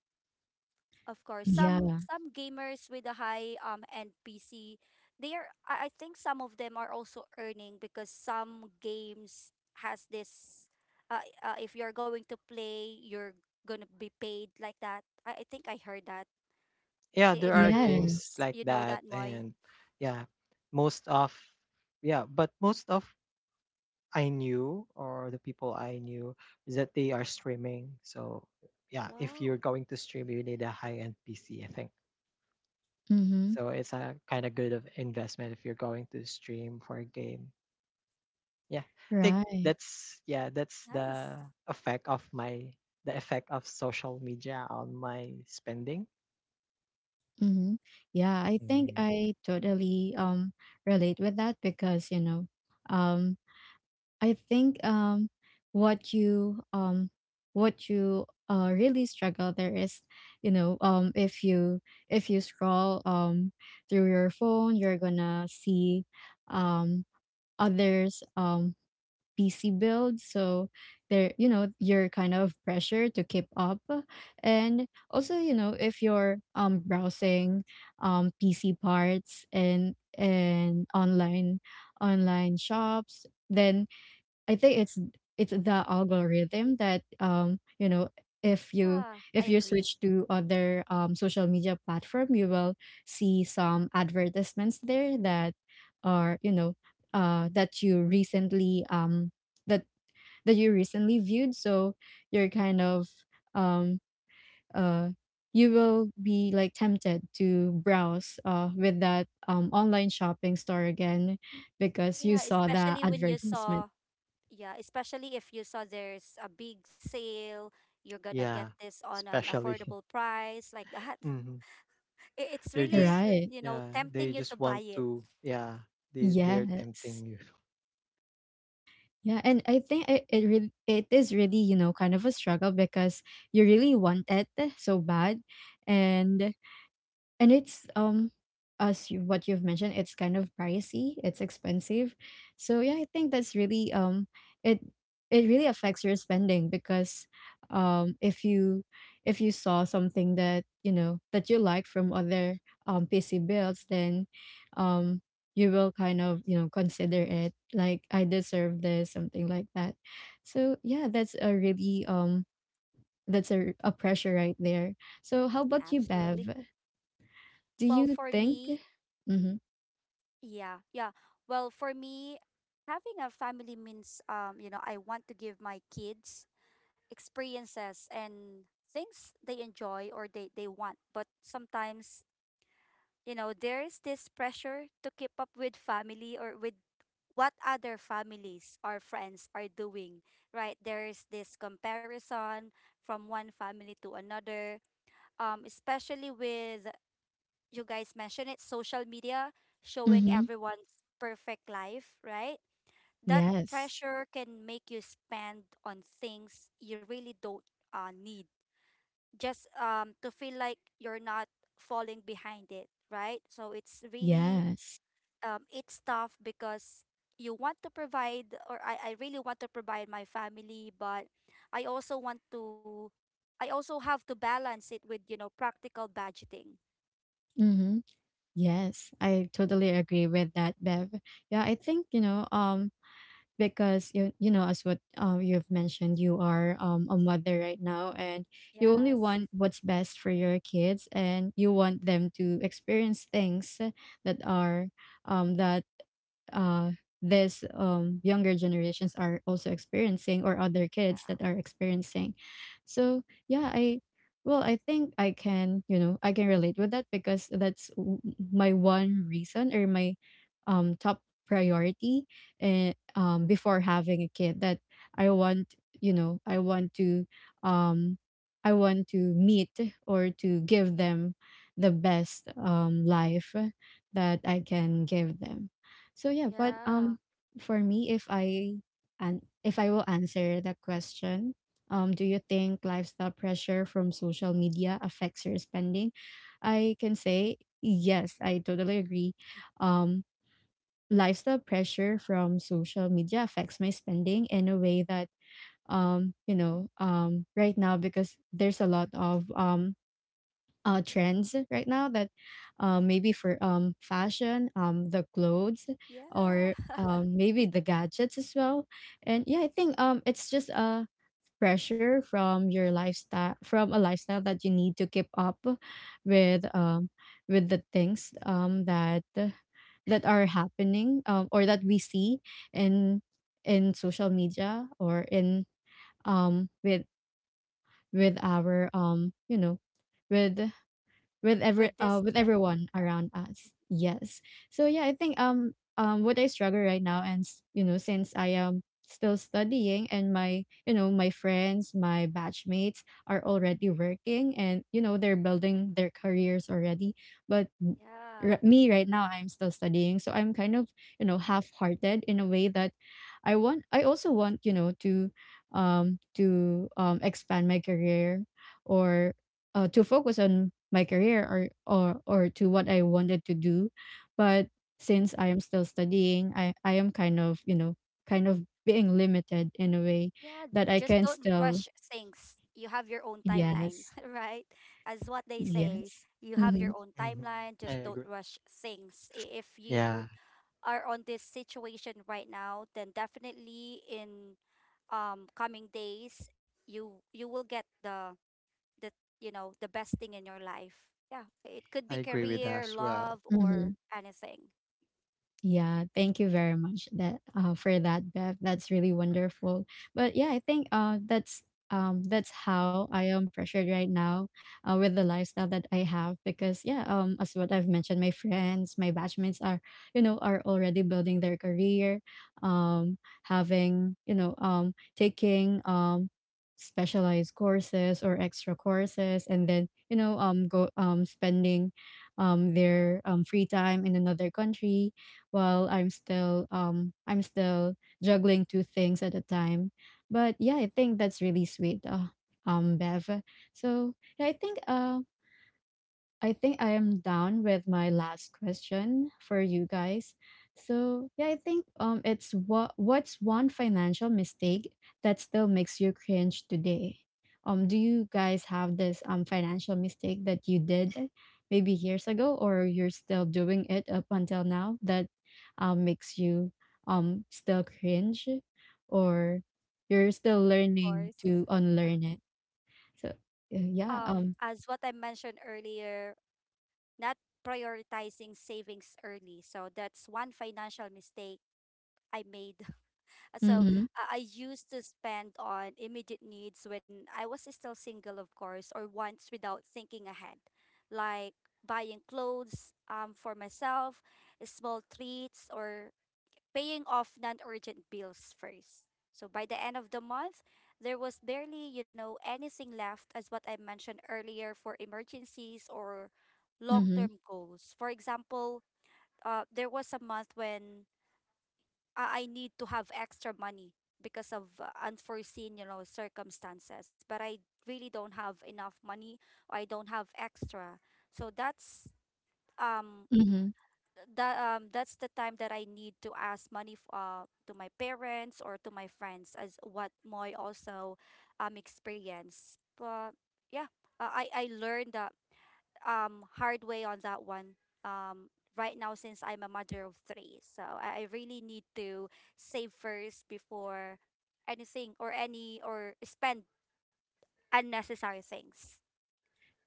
C: Of course, some
A: Yeah.
C: some gamers with a high um end P C, they are. I I think some of them are also earning because some games has this. Uh, uh, if you're going to play, you're gonna be paid like that. I, I think I heard that.
B: Yeah,
C: I-
B: there
C: If
B: are
C: you r-
B: games
A: Yes.
B: like
C: you know
B: that.
C: that, Moy.
B: And yeah, most of yeah, but most of I knew or the people I knew is that they are streaming. So yeah, if you're
C: Wow,
B: going to stream, you need a high-end P C, I think.
A: Mm-hmm.
B: So it's a kind of good of investment if you're going to stream for a game. Yeah. I think
A: Right.
B: that's yeah, that's
C: nice.
B: the effect of my the effect of social media on my spending.
A: Mm-hmm. Yeah, I think
C: Mm.
B: Hmm.
A: I totally um relate with that because, you know, um, I think um what you um what you uh, really struggle there is, you know, um, if you if you scroll um through your phone, you're gonna see um others um P C build. So there, you know, you're kind of pressure to keep up. And also, you know, if you're um browsing um P C parts, and and online online shops, then I think it's it's the algorithm that, um you know, if you
C: Yeah, I
A: if you
C: agree.
A: switch to other um social media platform, you will see some advertisements there that are, you know, uh, that you recently um that that you recently viewed. So you're kind of um uh you will be like tempted to browse uh, with that um online shopping store again because you
C: Yeah,
A: saw the
C: especially when you
A: advertisement,
C: saw. Yeah, especially if you saw there's a big sale, you're gonna get
B: Yeah,
C: this on an
B: especially.
C: affordable price like that. I- It's
B: They're just
C: really, l-
A: right?
C: you know,
B: Yeah, they
C: tempting you
B: just
C: to buy
B: want
C: it.
B: to yeah, they they're tempting
A: Yes.
B: you.
A: Yeah, and I think it it, really, it is really, you know, kind of a struggle because you really want it, eh, so bad. and and it's um as you, what you've mentioned, it's kind of pricey, it's expensive. So yeah, I think that's really um it it really affects your spending because um if you if you saw something that you know that you like from other um P C builds, then um you will kind of, you know, consider it like I deserve this, something like that. So yeah, that's a really um that's a, a pressure right there. So how about you, Bev?
C: Absolutely.
A: Do
C: Well,
A: you
C: for
A: think?
C: me,
A: Mhm.
C: yeah, yeah. Well, for me, having a family means, um, you know, I want to give my kids experiences and things they enjoy or they they want. But sometimes you know, there is this pressure to keep up with family or with what other families or friends are doing, right? There is this comparison from one family to another, um, especially with, you guys mentioned it, social media showing
A: Mhm.
C: everyone's perfect life, right? That
A: Yes.
C: pressure can make you spend on things you really don't uh, need just um, to feel like you're not falling behind it, right? So it's really
A: Yes.
C: um, it's tough because you want to provide or I, I really want to provide my family, but I also want to I also have to balance it with you know practical budgeting.
A: Mhm. Yes. I totally agree with that, Bev. Yeah, I think, you know, um, because you you know, as what um you've mentioned, you are um a mother right now and you only want
C: Yes,
A: what's best for your kids and you want them to experience things that are um that uh, this um, younger generations are also experiencing, or other kids that
C: yeah.
A: are experiencing. So yeah, I well, I think I can, you know, I can relate with that because that's w- my one reason, or my um, top priority, and um, before having a kid, that I want, you know, I want to um, I want to meet or to give them the best um, life that I can give them. So yeah, but um
C: Yeah.
A: for me, if I and if I will answer the question, um, do you think lifestyle pressure from social media affects your spending? I can say yes, I totally agree. Um, lifestyle pressure from social media affects my spending in a way that um you know um, right now because there's a lot of um, uh, trends right now that uh, maybe for um, fashion um, the clothes or
C: Yeah,
A: um, maybe the gadgets as well. And yeah, I think um it's just a pressure from your lifestyle, from a lifestyle that you need to keep up with um, with the things um that that are happening um, or that we see in in social media or in um, with with our um, you know, with with every
C: with
A: uh,
C: this
A: with
C: generation.
A: everyone around us. Yes. So yeah, I think um um what I struggle right now and s- you know, since I am still studying, and my, you know, my friends, my batchmates are already working and, you know, they're building their careers already, but m- r-
C: Yeah.
A: me right now I'm still studying. So I'm kind of, you know, half-hearted in a way that I want, I also want, you know, to um to um expand my career or uh, to focus on my career, or, or or to what I wanted to do. But since I
C: Mhm.
A: am still studying, I, I am kind of, you know, kind of being limited in a way
C: Yeah,
A: that I can
C: just don't
A: still
C: rush things. You have your own timeline,
A: yes.
C: right? As what they say,
A: Yes.
C: you have
A: Mm-hmm.
C: your own
B: Hmm.
C: timeline,
B: I
C: just
B: agree.
C: don't rush things. I- If
B: Yeah,
C: you are on this situation right now, then definitely in um coming days you you will get the the you know the best thing in your life. Yeah, it could
B: I
C: be
B: agree with that
C: career,
B: as well.
C: love, or
A: Mm-hmm.
C: anything.
A: Yeah, thank you very much, that uh, for that, Bev. That's really wonderful. But yeah, I think uh, that's um, that's how I am pressured right now uh, with the lifestyle that I have because yeah, um, as what I've mentioned, my friends, my batchmates are, you know, are already building their career, um, having, you know, um, taking um, specialized courses or extra courses, and then, you know, um, go um, spending um, their um, free time in another country while I'm still um I'm still juggling two things at a time. But yeah, I think that's really sweet. Uh, um, Bev. So yeah, I think uh, I think I am down with my last question for you guys. So yeah, I think um it's what what's one financial mistake that still makes you cringe today? Um, do you guys have this um financial mistake that you did maybe years ago, or you're still doing it up until now that um makes you um still cringe, or you're still
C: Of
A: learning
C: course.
A: to unlearn it? So uh, yeah,
C: Um,
A: um,
C: as what I mentioned earlier, not prioritizing savings early. So that's one financial mistake I made. Uh, So
A: mm-hmm,
C: I I used to spend on immediate needs when I was still single, of course, or wants without thinking ahead, like buying clothes um, for myself, small treats, or paying off non-urgent bills first. So by the end of the month, there was barely, you know, anything left, as what I mentioned earlier, for emergencies or
A: mm-hmm,
C: long-term goals. For example, uh, there was a month when uh, I need to have extra money because of uh, unforeseen, you know, circumstances. But I really don't have enough money or I don't have extra. So that's um
A: mm-hmm.
C: that um that's the time that I need to ask money f- uh to my parents or to my friends, as what Moy also um experienced. But yeah, uh, I I learned that um hard way on that one um right now since I'm a mother of three. So I, I really need to save first before anything or any or spend unnecessary things.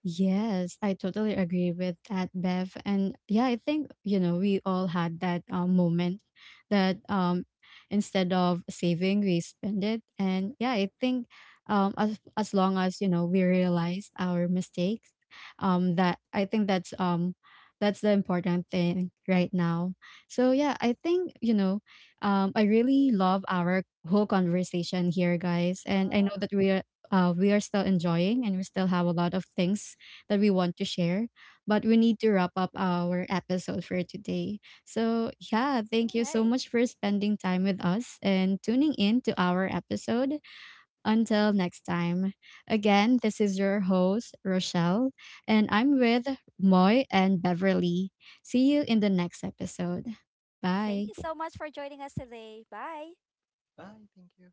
A: Yes, I totally agree with that, Bev. And yeah, I think, you know, we all had that um, moment that um, instead of saving, we spend it. And yeah, I think um, as, as long as, you know, we realize our mistakes, um, that I think that's um, that's the important thing right now. So yeah, I think, you know, um, I really love our whole conversation here, guys. And I know
C: Wow.
A: that we are uh, we are still enjoying and we still have a lot of things that we want to share. But we need to wrap up our episode for today. So, yeah,
C: All
A: thank you so
C: right.
A: much for spending time with us and tuning in to our episode. Until next time. Again, this is your host, Rochelle, and I'm with Moy and Beverly. See you in the next episode.
C: Thank
A: Bye.
C: you so much for joining us today. Bye.
B: Bye, thank you.